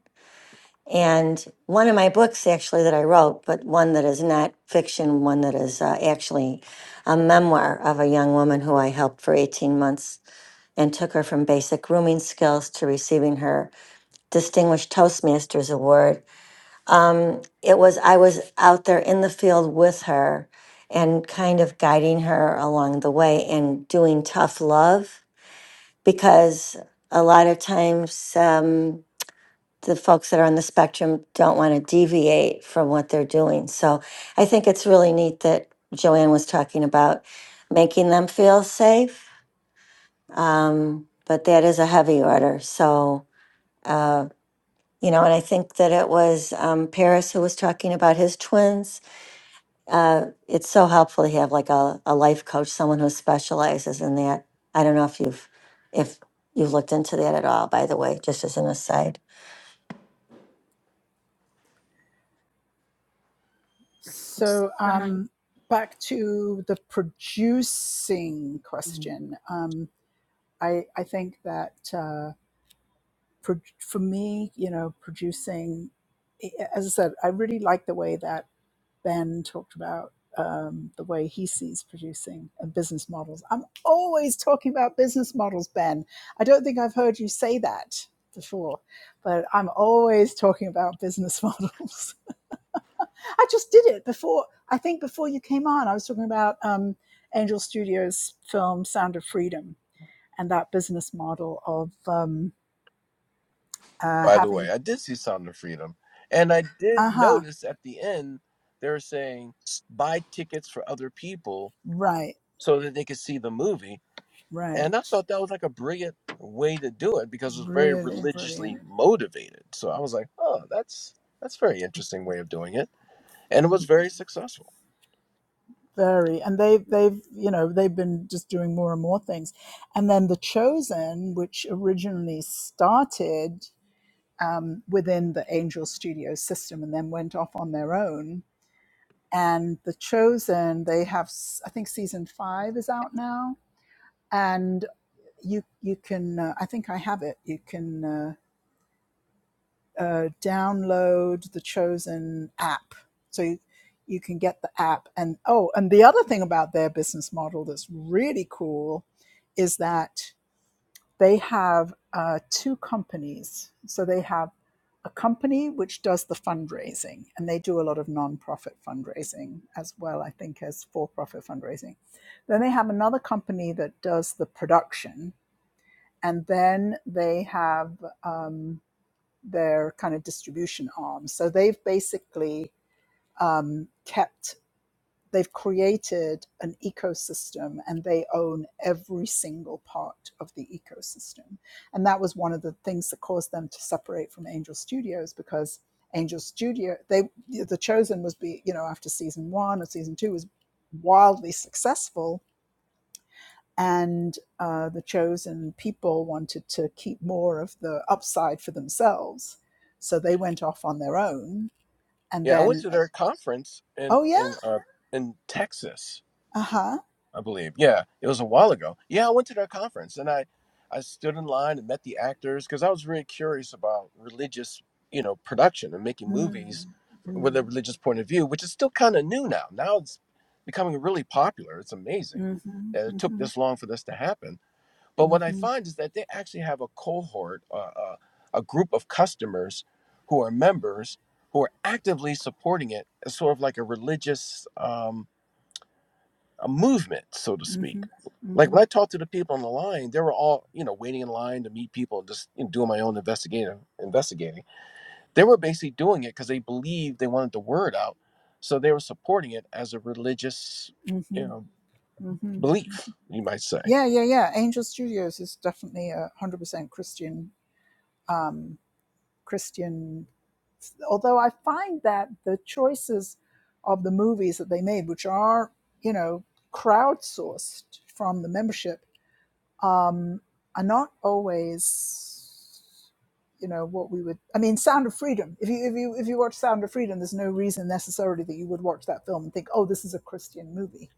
And one of my books, actually, that I wrote, but one that is not fiction, one that is uh, actually a memoir of a young woman who I helped for 18 months and took her from basic rooming skills to receiving her Distinguished Toastmasters Award um, it was I was out there in the field with her and kind of guiding her along the way and doing tough love because a lot of times um, the folks that are on the spectrum don't want to deviate from what they're doing. So I think it's really neat that Joanne was talking about making them feel safe, um, but that is a heavy order. So. Uh, you know, and I think that it was um, Paris who was talking about his twins uh, it's so helpful to have like a, a life coach, someone who specializes in that. I don't know if you've if you've looked into that at all, by the way, just as an aside.
So um, back to the producing question. Um, I I think that. uh, for, for me, you know, producing, eh, eh, as I said, I really like the way that Ben talked about um, the way he sees producing and business models. I'm always talking about business models, Ben. I don't think I've heard you say that before, but I'm always talking about business models. I just did it before, I think before you came on, I was talking about um, Angel Studios' film Sound of Freedom and that business model of um, uh,
By the way,
having.
I did see Sound of Freedom, and I did
Uh-huh
notice at the end they were saying buy tickets for other people
Right,
so that they could see the movie, and I
right.
thought that was like a brilliant way to do it because it was very
Really
religiously
brilliant.
motivated. So I was like, oh, that's that's a very interesting way of doing it, and it was
Mm,
very successful.
Very. And they they've, you know, they've been just doing more and more things. And then The Chosen, which originally started um, within the Angel Studio system and then went off on their own. And The Chosen, they have s- I think season 5 is out now and you you can uh, I think I have it. You can Uh, uh, download the chosen app. So you, you can get the app. And oh, and the other thing about their business model that's really cool is that they have uh, two companies. So they have a company which does the fundraising, and they do a lot of nonprofit fundraising as well, I think, as for profit fundraising. Then they have another company that does the production. And then they have um, their kind of distribution arm. So they've basically um, kept, they've created an ecosystem and they own every single part of the ecosystem. And that was one of the things that caused them to separate from Angel Studios because Angel Studio, they, The Chosen was, be, you know, after season one or season two was wildly successful and uh, the chosen people wanted to keep more of the upside for themselves. So they went off on their own, and
Yeah, I went
then,
to
uh,
their conference in
oh yeah,
in uh, in Texas
uh huh,
I believe. Yeah, it was a while ago. Yeah, I went to their conference and I, I stood in line and met the actors because I was really curious about religious, you know, production and making
mm,
movies with
mm,
a religious point of view, which is still kind of new now. Now it's becoming really popular. It's amazing
mhm,
that it took
mhm,
this long for this to happen. But what I
mhm,
find is that they actually have a cohort, uh, uh, a group of customers who are members who are actively supporting it as sort of like a religious. Um, a movement, so to speak.
mhm,
Like when
mhm,
I talked to the people on the line, they were all, you know, waiting in line to meet people and just you know, doing my own investigative investigating. They were basically doing it because they believed they wanted the word out. So they were supporting it as a religious,
mhm,
you know,
mhm.
belief, you might say.
yeah, yeah, yeah. Angel Studios is definitely a hundred percent Christian. Um, Christian. Although I find that the choices of the movies that they made, which are you know crowdsourced from the membership, um, are not always you know what we would. I mean, Sound of Freedom. If you if you if you watch Sound of Freedom, there's no reason necessarily that you would watch that film and think, oh, this is a Christian movie.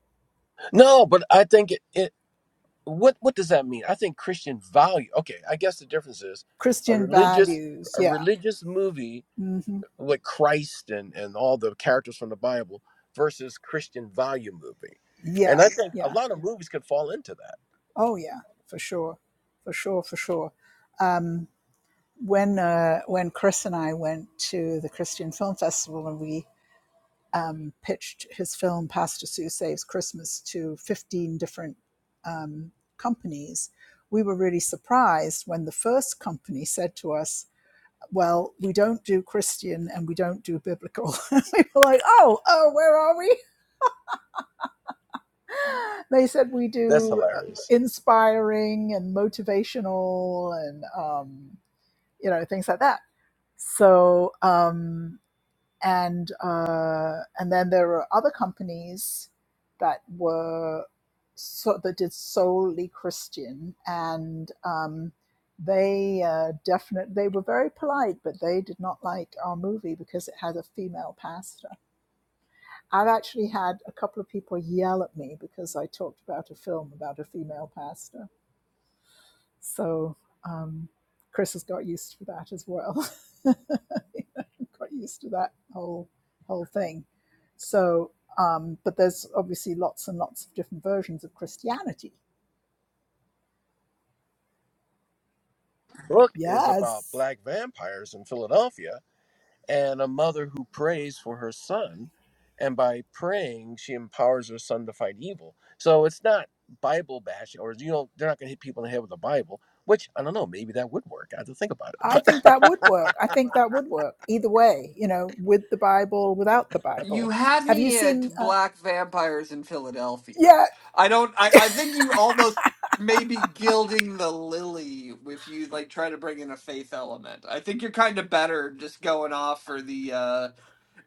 No, but I think it, it what what does that mean? I think Christian value. Okay, I guess the difference is a
Christian
religious
values,
a
yeah,
religious movie
hmm
with Christ and, and all the characters from the Bible versus Christian value movie. And I
yeah,
think a
yeah,
lot of movies could fall into that.
oh yeah, for sure, for sure, for sure when uh, when Chris and I went to the Christian Film Festival and we um, pitched his film Pastor Sue Saves Christmas to 15 different um, companies, we were really surprised when the first company said to us, "Well, we don't do Christian and we don't do biblical." we were like, "Oh, oh, where are we?" They said we
That's
do uh,
hilarious.
inspiring and motivational and um, you know things like that. So. Um, and uh, and then there were other companies that were so that did solely Christian, and um, they uh, definitely they were very polite, but they did not like our movie because it had a female pastor. I've actually had a couple of people yell at me because I talked about a film about a female pastor so um, Chris has got used to that as well. got used to that whole whole thing. So, um, but there's obviously lots and lots of different versions of Christianity.
The Book is about
Yes,
black vampires in Philadelphia and a mother who prays for her son. And by praying, she empowers her son to fight evil. So it's not Bible bashing, or you know, they're not going to hit people in the head with the Bible, which I don't know, maybe that would work. I have to think about it.
I think
but.
that would work. I think that would work either way. You know, with the Bible, without the
you
Bible.
had
Have you
me at
seen? Uh,
Black Vampires in Philadelphia.
yeah,
I don't. I, I think you almost maybe gilding the lily if you like try to bring in a faith element. I think you're kind of better just going off for the. uh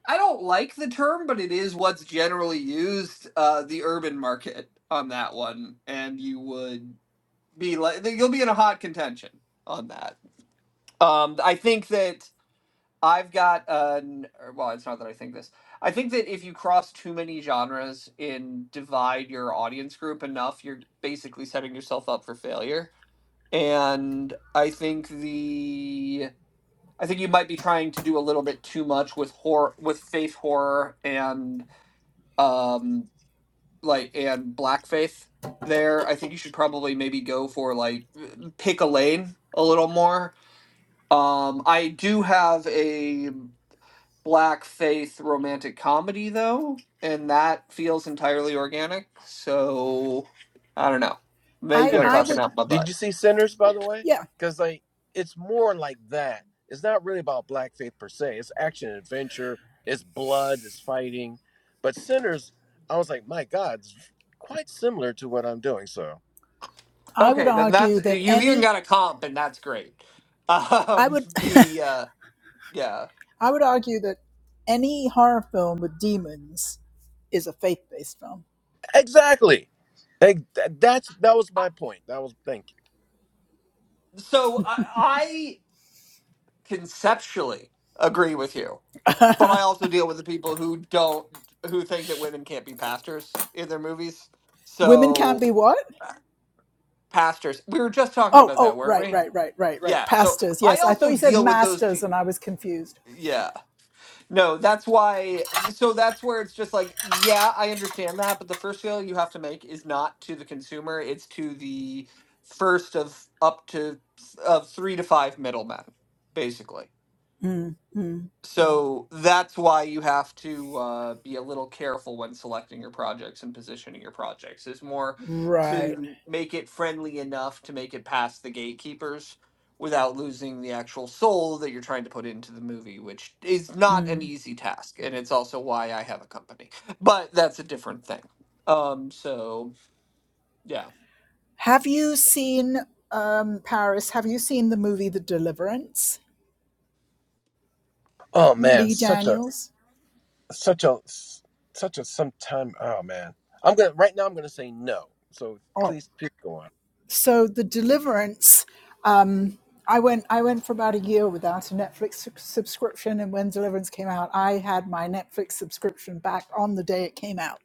I don't like the term, but it is what's generally used. uh The urban market on that one, and you would be like you'll be in a hot contention on that. Um I think that I've got an er, well, it's not that I think this. I think that if you cross too many genres and divide your audience group enough, you're basically setting yourself up for failure. And I think the I think you might be trying to do a little bit too much with horror with faith horror and um like and black faith there. I think you should probably maybe go for like pick a lane a little more. Um I do have a black faith romantic comedy though, and that feels entirely organic. So I don't know.
I
Maybe I'm
I
talking
Sinners.
would.
out my
Did
butt.
you see Sinners, by the way?
Yeah,
Because like it's more like that. It's not really about black faith per se. It's action and adventure. It's blood. It's fighting. But Sinners, I was like, my God, it's quite similar to what I'm doing. So
I would
Okay, then that's
argue that
you've even
any.
got a comp, and that's great.
I
Um,
would
the uh, yeah.
I would argue that any horror film with demons is a faith-based film.
exactly. Like, th- that's that was
I-
my point. That was thank you.
So I, I conceptually agree with you, but I also deal with the people who don't who think that women can't be pastors in their movies.
Women can't
So
be what?
uh, pastors, we were just talking
Oh,
about that,
oh,
weren't
right,
we?
right, right, right, right.
Yeah. So
Pastors.
I
Yes, I thought
also
you said
deal with those
masters,
people.
and I was confused.
Yeah. No, that's why. So that's where it's just like, yeah, I understand that, but the first sale you have to make is not to the consumer; it's to the first of up to s- of three to five middlemen, basically.
Mm, mm,
So that's why you have to uh, be a little careful when selecting your projects and positioning your projects. Is more
right.
to make it friendly enough to make it past the gatekeepers without losing the actual soul that you're trying to put into the movie, which is not an
Mm.
easy task. And it's also why I have a company, but that's a different thing. Um, so yeah.
Have you seen um, Paris? Have you seen the movie The Deliverance?
Oh man,
Lee
such a
Daniels.
such a such a sometime. Oh man, I'm gonna right now. I'm gonna say no. So
Oh.
please, please go on.
so the deliverance um i went i went for about a year without a netflix su- subscription and when deliverance came out i had my netflix subscription back on the day it came out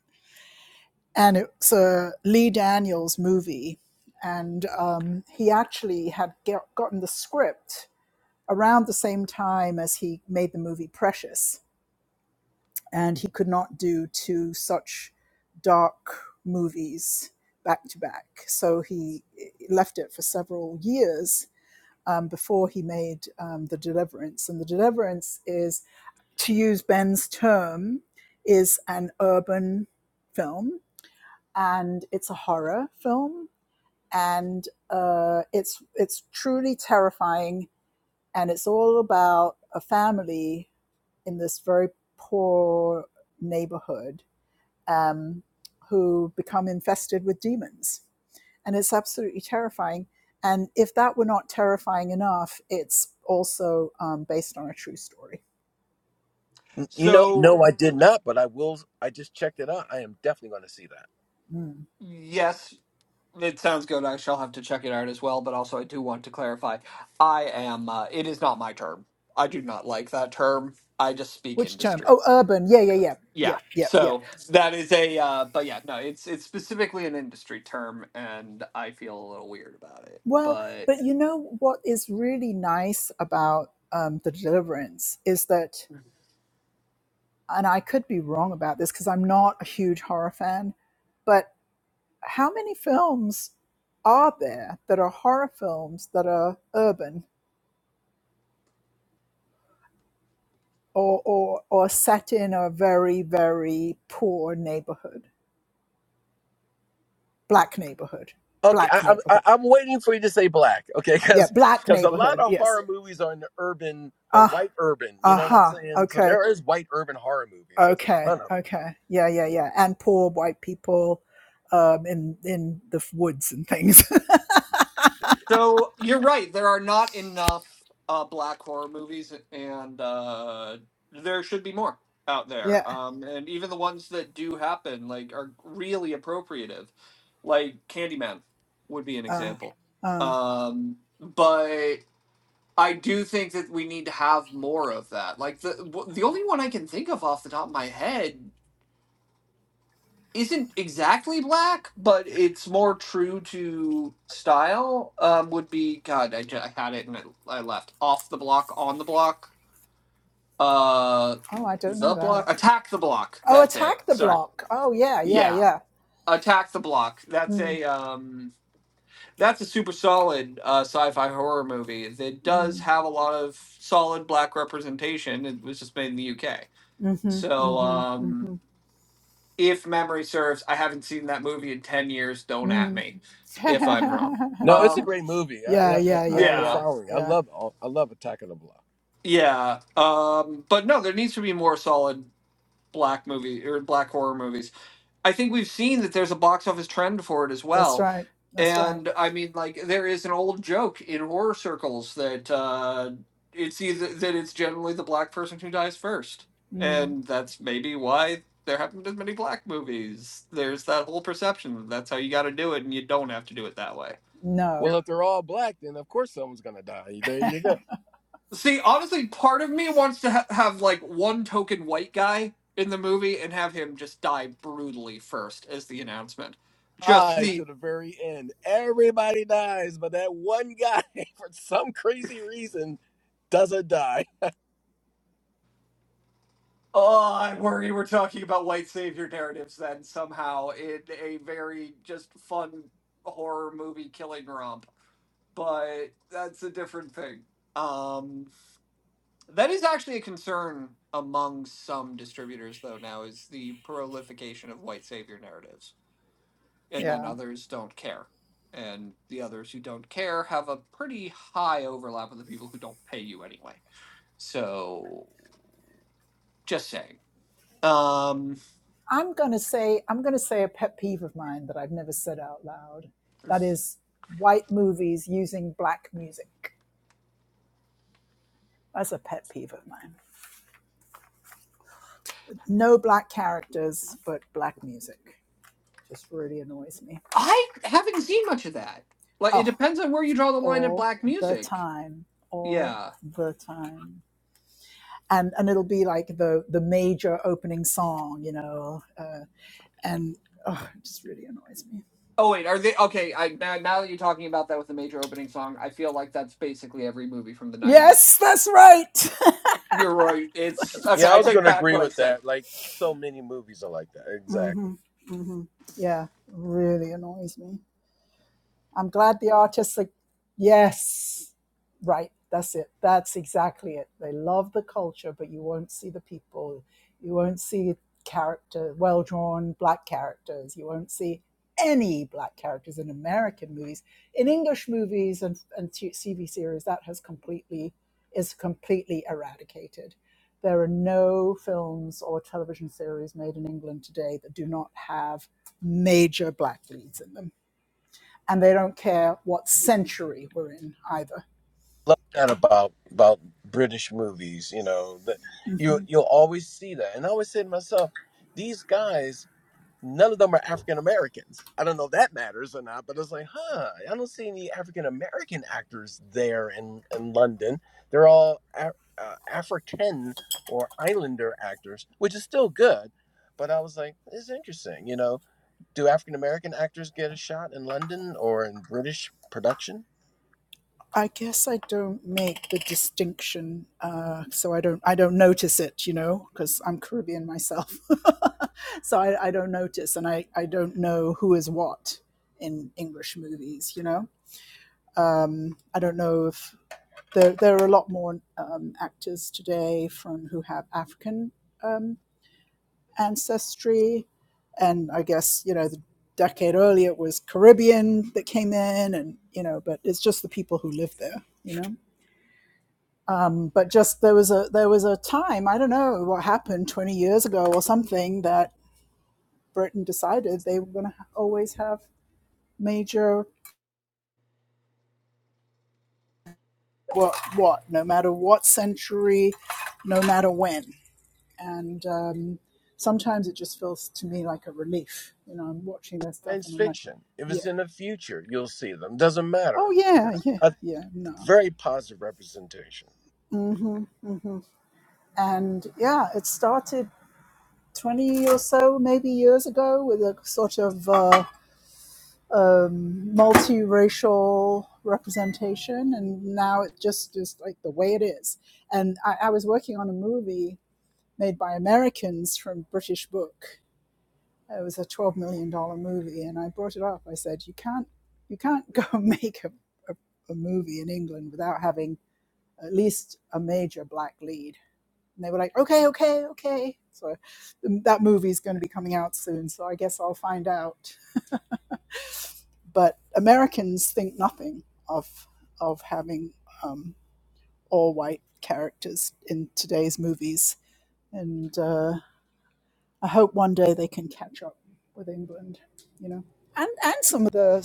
and it's a lee daniels movie and um, he actually had get, gotten the script around the same time as he made the movie precious and he could not do two such dark movies back to back so he left it for several years um, before he made um, the deliverance. And the deliverance is, to use Ben's term, is an urban film, and it's a horror film, and uh, it's it's truly terrifying, and it's all about a family in this very poor neighborhood um, who become infested with demons and it's absolutely terrifying. And if that were not terrifying enough, it's also um, based on a true story.
N- You know,
So
no, I did not, but I will. I just checked it out. I am definitely going to see that.
Mm.
yes, It sounds good. I shall have to check it out as well, but also I do want to clarify. I am, uh, it is not my term. I do not like that term. I just speak
Which term?
industry.
Oh, urban. Yeah, yeah, yeah, yeah,
Yeah.
yeah, yeah.
So that is a, uh, but yeah, no, it's, it's specifically an industry term and I feel a little weird about it,
Well,
But.
but you know what is really nice about um, the Deliverance is that, and I could be wrong about this because I'm not a huge horror fan, but how many films are there that are horror films that are urban? or or or set in a very very poor neighborhood, black neighborhood,
Okay,
black
I, I'm I-
neighborhood.
I'm waiting for you to say black. Okay,
Yeah,
because
black
because a lot
neighborhood.
of
Yes.
horror movies are in the urban, but
Ah.
white urban. You know what I'm
Aha.
saying? So
Okay.
there is white urban horror movies. There's a ton
Okay.
of them.
Okay. Yeah. Yeah. Yeah. And poor white people, um, in in the woods and things.
So you're right. There are not enough uh, black horror movies, and uh, there should be more out
yeah.
there. Um, and even the ones that do happen, like, are really appropriative. Like Candyman would be an example. Um, but I do think that we need to have more of that. Like the w- the only one I can think of off the top of my head isn't exactly black, but it's more true to style. Um, would be God. I, I had it and I, I left off the block, on the block. Uh,
Oh, I don't
the
know
block,
that.
attack the block.
Oh,
That's it.
attack the
Sorry.
block. Oh, yeah. Yeah.
Yeah,
Yeah.
attack the block. That's
Mm.
a um, that's a super solid uh, sci-fi horror movie that does
Mm.
have a lot of solid black representation. It was just made in the UK.
Mhm.
So
Mhm.
um.
Mhm.
if memory serves, I haven't seen that movie in 10 years. Don't at
Mm.
me if I'm wrong.
No, it's a
Um,
great movie. I,
yeah.
I,
Yeah.
I
Yeah.
I'm
yeah,
Yeah.
following. I
Yeah.
love all- I love Attack of the Block.
yeah. Um, but no, there needs to be more solid black movie or black horror movies. I think we've seen that there's a box office trend for it as
That's
well.
right. That's right.
And I mean, like, there is an old joke in horror circles that uh, it's either that it's generally the black person who dies first.
Mm,
And that's maybe why there haven't been many black movies. There's that whole perception that that's how you got to do it, and you don't have to do it that way.
no.
Well, if they're all black, then of course someone's going to die. There you go.
See, honestly, part of me wants to ha- have like one token white guy in the movie and have him just die brutally first as the announcement. Just
die
the
to the very end. Everybody dies, but that one guy, for some crazy reason, doesn't die.
Oh, I worry we're talking about white savior narratives then somehow in a very just fun horror movie killing romp. But that's a different thing. Um, that is actually a concern among some distributors though now is the prolification of white savior narratives. And then
Yeah.
others don't care. And the others who don't care have a pretty high overlap with the people who don't pay you anyway. So just saying. Um
I'm going to say, I'm going to say a pet peeve of mine that I've never said out loud. That is white movies using black music. That's a pet peeve of mine. No black characters, but black music just really annoys me.
I haven't seen much of that. Like it
Oh,
depends on where you draw the line at
all
black
the
music.
time. All
Yeah.
the time. And, and it'll be like the, the major opening song, you know, uh, and oh, it just really annoys me.
Oh wait, are they okay? I now, now that you're talking about that with the major opening song, I feel like that's basically every movie from the '90s.
Yes, that's right.
You're right. It's okay.
Yeah,
that's
I
I
was
right.
take
going to
back
agree
what I
with
said.
that. Like so many movies are like that. Exactly.
hmm hmm Yeah, really annoys me. I'm glad the artists are, yes, right, that's it. That's exactly it. They love the culture, but you won't see the people. You won't see character, well drawn black characters. You won't see any black characters in American movies. In English movies and, and TV series, that has completely is completely eradicated. There are no films or television series made in England today that do not have major black leads in them and they don't care what century we're in either.
Love that about about British movies. You know that you
hmm
you'll always see that. And I always say to myself, these guys None of them are African Americans. I don't know if that matters or not, but it's like, huh, I don't see any African American actors there in, in London. They're all Af- uh, African or Islander actors, which is still good. But I was like, it's interesting. You know, do African American actors get a shot in London or in British production?
I guess I don't make the distinction, uh, so I don't I don't notice it, you know, because I'm Caribbean myself, so I, I don't notice, and I I don't know who is what in English movies, you know. Um, I don't know if there there are a lot more um, actors today from who have African. um, ancestry. And I guess, you know, the decade earlier it was Caribbean that came in and, you know, but it's just the people who live there, you know. Um, but just there was a there was a time, I don't know what happened 20 years ago or something that Britain decided they were going to always have major what what no matter what century, no matter when. And um, sometimes it just feels to me like a relief. You know, I'm watching their stuff
Science
and I'm like,
fiction. If
yeah,
it's in the future, you'll see them. Doesn't
Oh
matter.
yeah, yeah,
A
yeah. No.
very positive representation.
hmm hmm And yeah, it started twenty or so, maybe years ago, with a sort of uh, um, multiracial representation, and now it just is like the way it is. And I, I was working on a movie made by Americans from British Book. It was a twelve million dollar movie, and I brought it up. I said, "You can't, you can't go make a, a, a movie in England without having." at least a major black lead. And they were like, okay, okay, okay. So um, that movie is going to be coming out soon, so I guess I'll find out. But Americans think nothing of of having um, all white characters in today's movies, and uh, I hope one day they can catch up with England, you know. And, and some of the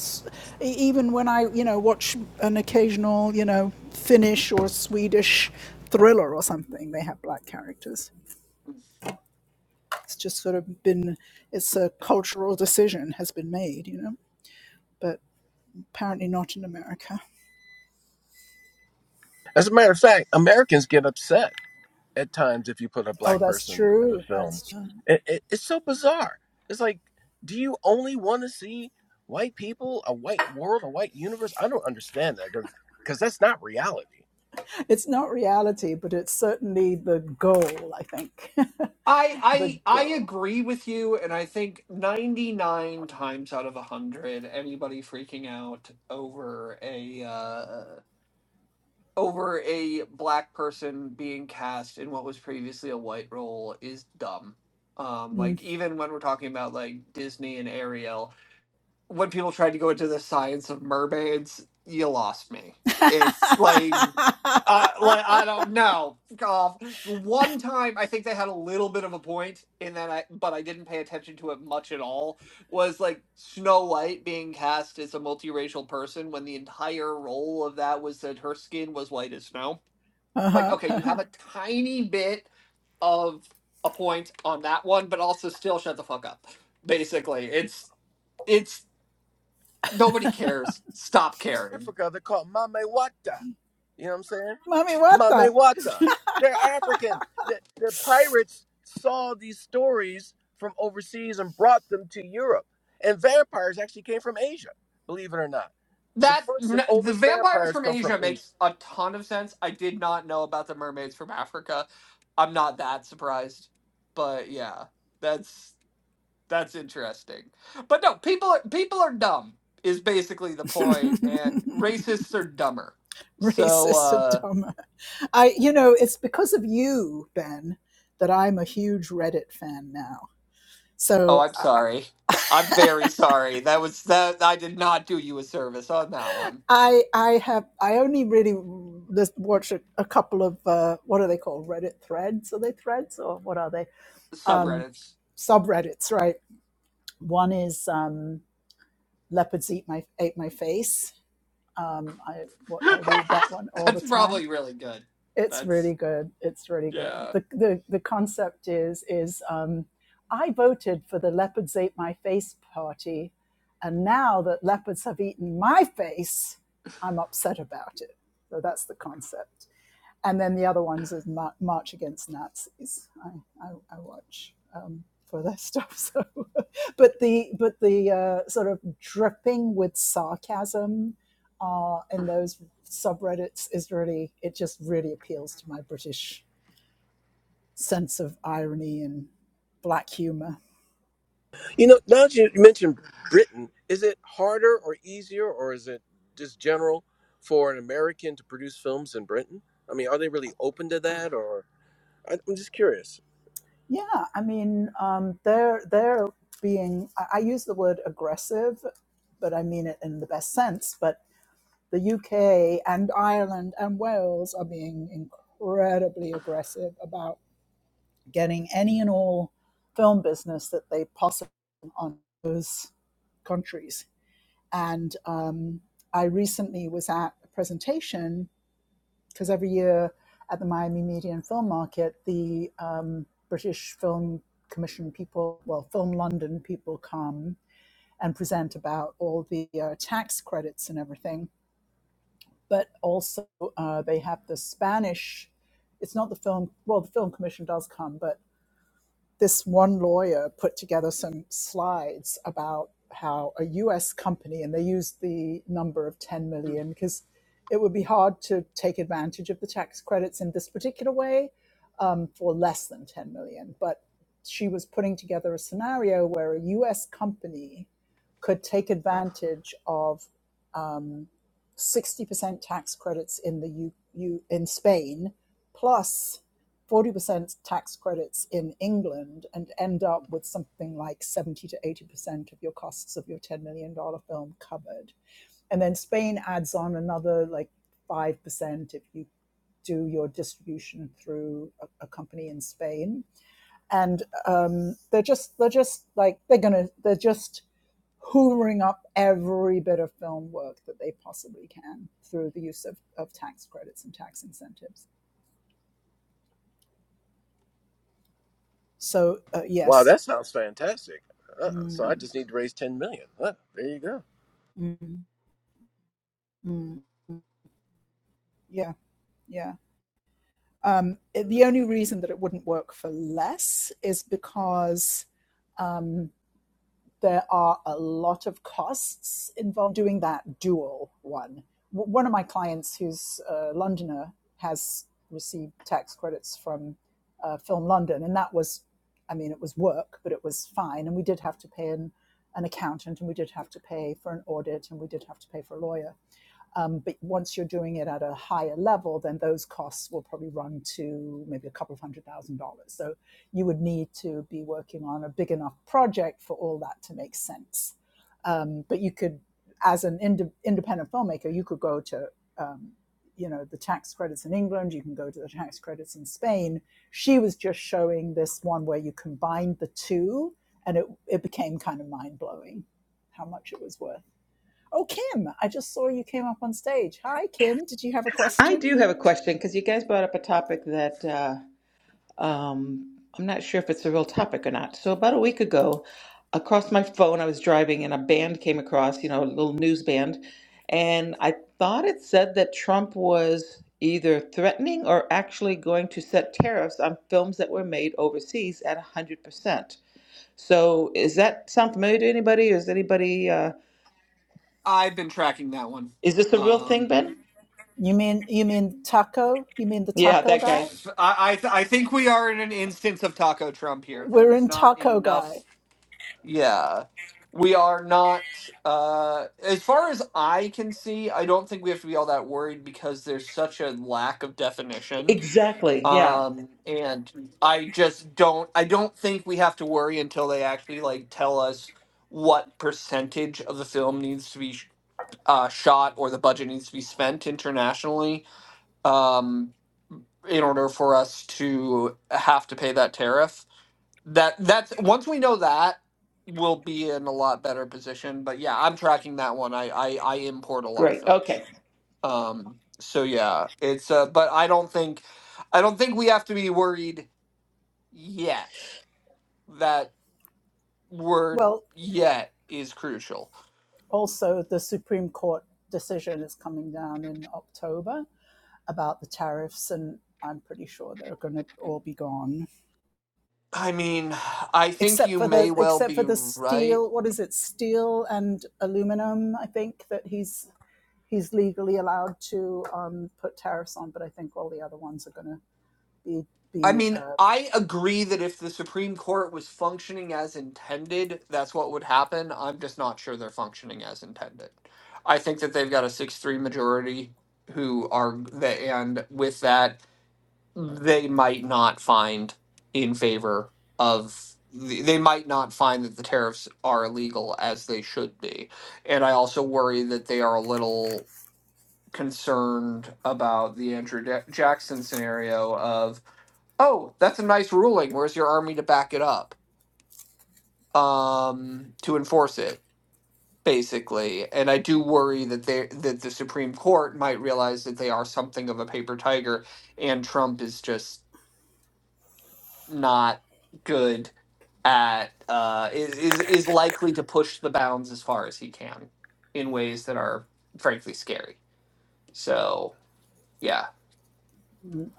e- even when I you know watch an occasional you know Finnish or Swedish thriller or something, they have black characters. It's just sort of been, it's a cultural decision has been made, you know, but apparently not in America.
As a matter of fact, Americans get upset at times if you put a
Oh,
black
that's
person in a
true.
film.
That's true.
It, it, it's so bizarre. It's like, do you only want to see white people, a white world, a white universe? I don't understand that because that's not reality.
It's not reality, but it's certainly the goal, I think.
I
the
I I
goal.
agree with you, and I think 99 times out of a hundred, anybody freaking out over a uh, over a black person being cast in what was previously a white role is dumb. Um,
Mm.
like even when we're talking about like Disney and Ariel, when people tried to go into the science of mermaids, you lost me. It's like, uh, like I don't know. Fuck off. One time, I think they had a little bit of a point in that, I but I didn't pay attention to it much at all. Was like Snow White being cast as a multiracial person when the entire role of that was that her skin was white as snow I'm like,
uh-huh.
okay, you have a tiny bit of a point on that one, but also still shut the fuck up. Basically, it's it's nobody cares. Stop caring.
Africa, they're called Mame You know what I'm saying?
Mommy, what
Mame
the?
They're African. The, the pirates saw these stories from overseas and brought them to Europe. And vampires actually came from Asia, believe it or not. The
That
first and
the
oldest
vampires
vampires
from
come from
Asia
Asia.
makes a ton of sense. I did not know about the mermaids from Africa. I'm not that surprised, but yeah, that's that's interesting. But no, people are, people are dumb is basically the point, and racists are dumber. So
racist and
uh
dumb. I, you know, it's because of you, Ben, that I'm a huge Reddit fan now.
Oh,
So
I'm
uh,
sorry. I'm very sorry. That was that I did not do you a service on that one.
I I have I only really just watched a, a couple of uh, what are they called Reddit threads are they threads or what are they um,
Subreddits.
subreddits right one is um, leopards eat my ate my face um, I I read that one all the
That's
time
probably really good.
it's
That's
really good. It's really good.
yeah.
The, the, the concept is, is um, I voted for the Leopards Ate My Face party, and now that leopards have eaten my face, I'm upset about it. So that's the concept and then the other ones is March Against Nazis. I I, I watch um, for their stuff. So, but the but the uh, sort of dripping with sarcasm uh, in those subreddits is really it just really appeals to my British sense of irony and black humor.
You know, now that you mentioned Britain, is it harder or easier, or is it just general for an American to produce films in Britain? I mean, are they really open to that, or I- I'm just curious.
Yeah, I mean, um, they're they're being. I, I use the word aggressive, but I mean it in the best sense. But the UK and Ireland and Wales are being incredibly aggressive about getting any and all film business that they possibly can on those countries. And um, I recently was at a presentation because every year at the Miami Media and Film Market, the um, British Film Commission people, well, Film London people come and present about all the uh, tax credits and everything. but also uh, they have the Spanish. It's not the film. Well, the film commission does come, but this one lawyer put together some slides about how a US company, and they used the number of 10 million because it would be hard to take advantage of the tax credits in this particular way um, for less than 10 million. But she was putting together a scenario where a US company could take advantage of um, 60% tax credits in the U, U, in Spain plus 40% tax credits in England and end up with something like 70 to 80% of your costs of your $10 million dollars film covered. And then Spain adds on another like 5% if you do your distribution through a, a company in Spain. And um, they're just, they're just like, they're gonna, they're just hoovering up every bit of film work that they possibly can through the use of, of tax credits and tax incentives. So, uh,
Wow,
yes.
that sounds fantastic. Uh, so
Mm.
I just need to raise ten million. Uh, there you go.
Mm, mm, mm. Yeah, yeah. Um, it- the only reason that it wouldn't work for less is because um, there are a lot of costs involved doing that dual one. W- One of my clients, who's a Londoner, has received tax credits from uh, Film London, and that was, I mean, it was work, but it was fine. And we did have to pay an, an accountant, and we did have to pay for an audit, and we did have to pay for a lawyer Um, but once you're doing it at a higher level, then those costs will probably run to maybe a couple of hundred thousand dollars. So you would need to be working on a big enough project for all that to make sense. Um, but you could, as an inde- independent filmmaker, you could go to um, you know the tax credits in England. You can go to the tax credits in Spain. She was just showing this one where you combined the two, and it it became kind of mind blowing how much it was worth. Oh, Kim, I just saw you came up on stage. Hi, Kim. Did you have a
I
question?
do have a question because you guys brought up a topic that uh, um, I'm not sure if it's a real topic or not. So about a week ago, across my phone, I was driving and a band came across, you know, a little news band, and I thought it said that Trump was either threatening or actually going to set tariffs on films that were made overseas at 100%. So is that sound familiar to anybody? Is anybody uh,
I've been tracking that one.
is this a real thing,
Um,
Ben?
You mean you mean taco? You mean the
Yeah,
taco
that
guy?
guy.
I I, th- I think we are in an instance of Taco Trump here. There
We're
is
in
not
taco guy.
enough. Yeah, we are not. Uh, as far as I can see, I don't think we have to be all that worried because there's such a lack of definition
Exactly. Yeah.
um and i just don't i don't think we have to worry until they actually like tell us what percentage of the film needs to be sh- uh, shot or the budget needs to be spent internationally um in order for us to have to pay that tariff that that's once we know that we'll be in a lot better position but yeah i'm tracking that one i i, I import a lot of
Great.
films
Okay.
um so yeah it's uh but i don't think i don't think we have to be worried yet. That word
Well,
yet is crucial.
also the Supreme Court decision is coming down in October about the tariffs and I'm pretty sure they're going to all be gone
I mean, I think
except
you
for
may
the
well
except for
be
the
right.
steel, what is it? Steel and aluminum, I think that he's he's legally allowed to um, put tariffs on, but I think all the other ones are going to be
I
be.
mean,
Um,
I agree that if the Supreme Court was functioning as intended, that's what would happen. I'm just not sure they're functioning as intended. I think that they've got a 6 3 majority who are, the, and with that, they might not find in favor of they might not find that the tariffs are illegal as they should be and i also worry that they are a little concerned about the andrew Ja- jackson scenario of oh that's a nice ruling where's your army to back it up um to enforce it basically and i do worry that they that the supreme court might realize that they are something of a paper tiger and trump is just not good at uh, is is is likely to push the bounds as far as he can in ways that are frankly scary. So yeah,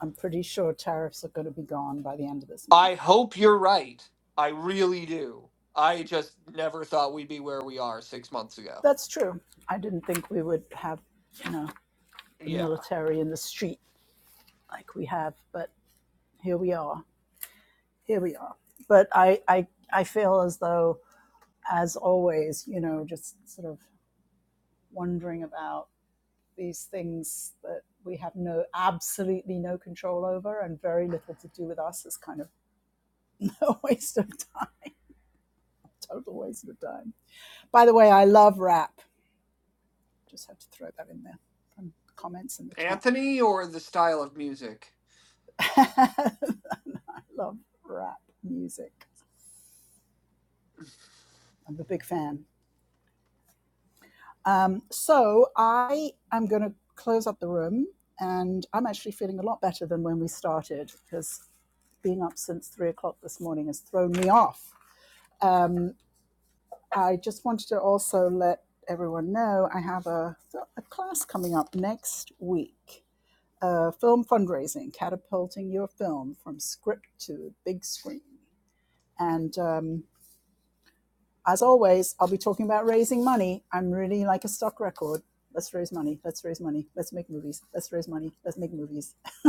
I'm pretty sure tariffs are going to be gone by the end of this month.
I hope you're right. I really do. I just never thought we'd be where we are six months ago.
That's true. I didn't think we would have, you know, the
Yeah,
military in the street like we have, but here we are. Here we are. But I I I feel as though, as always, you know, just sort of wondering about these things that we have no absolutely no control over and very little to do with us is kind of a waste of time total waste of time by the way i love rap Just had to throw that in there from comments in the chat.
Anthony or the style of music.
I love rap music. I'm a big fan. Um, so I am going to close up the room, and I'm actually feeling a lot better than when we started because being up since three o'clock this morning has thrown me off. Um, I just wanted to also let everyone know I have a, a class coming up next week uh, film fundraising, catapulting your film from script to big screen. And um, as always, I'll be talking about raising money. I'm really like a stock record. Let's raise money. Let's raise money. Let's make movies. Let's raise money. Let's make movies.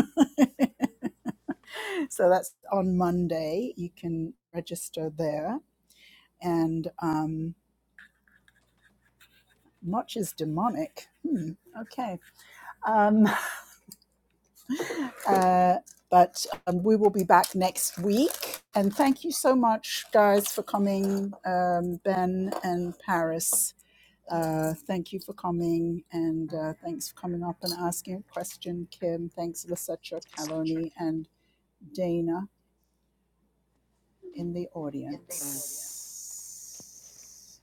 so that's on Monday. You can register there. And um, much is demonic. Hmm, okay. Um, Uh, but um, we will be back next week. And thank you so much, guys, for coming, um, Ben and Paris. Uh, thank you for coming, and uh, thanks for coming up and asking a question, Kim. Thanks, Lasetra, Caloni, and Dana in the audience.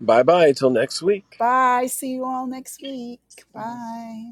Bye bye. Until next week.
Bye. See you all next week.
Mm.
Bye.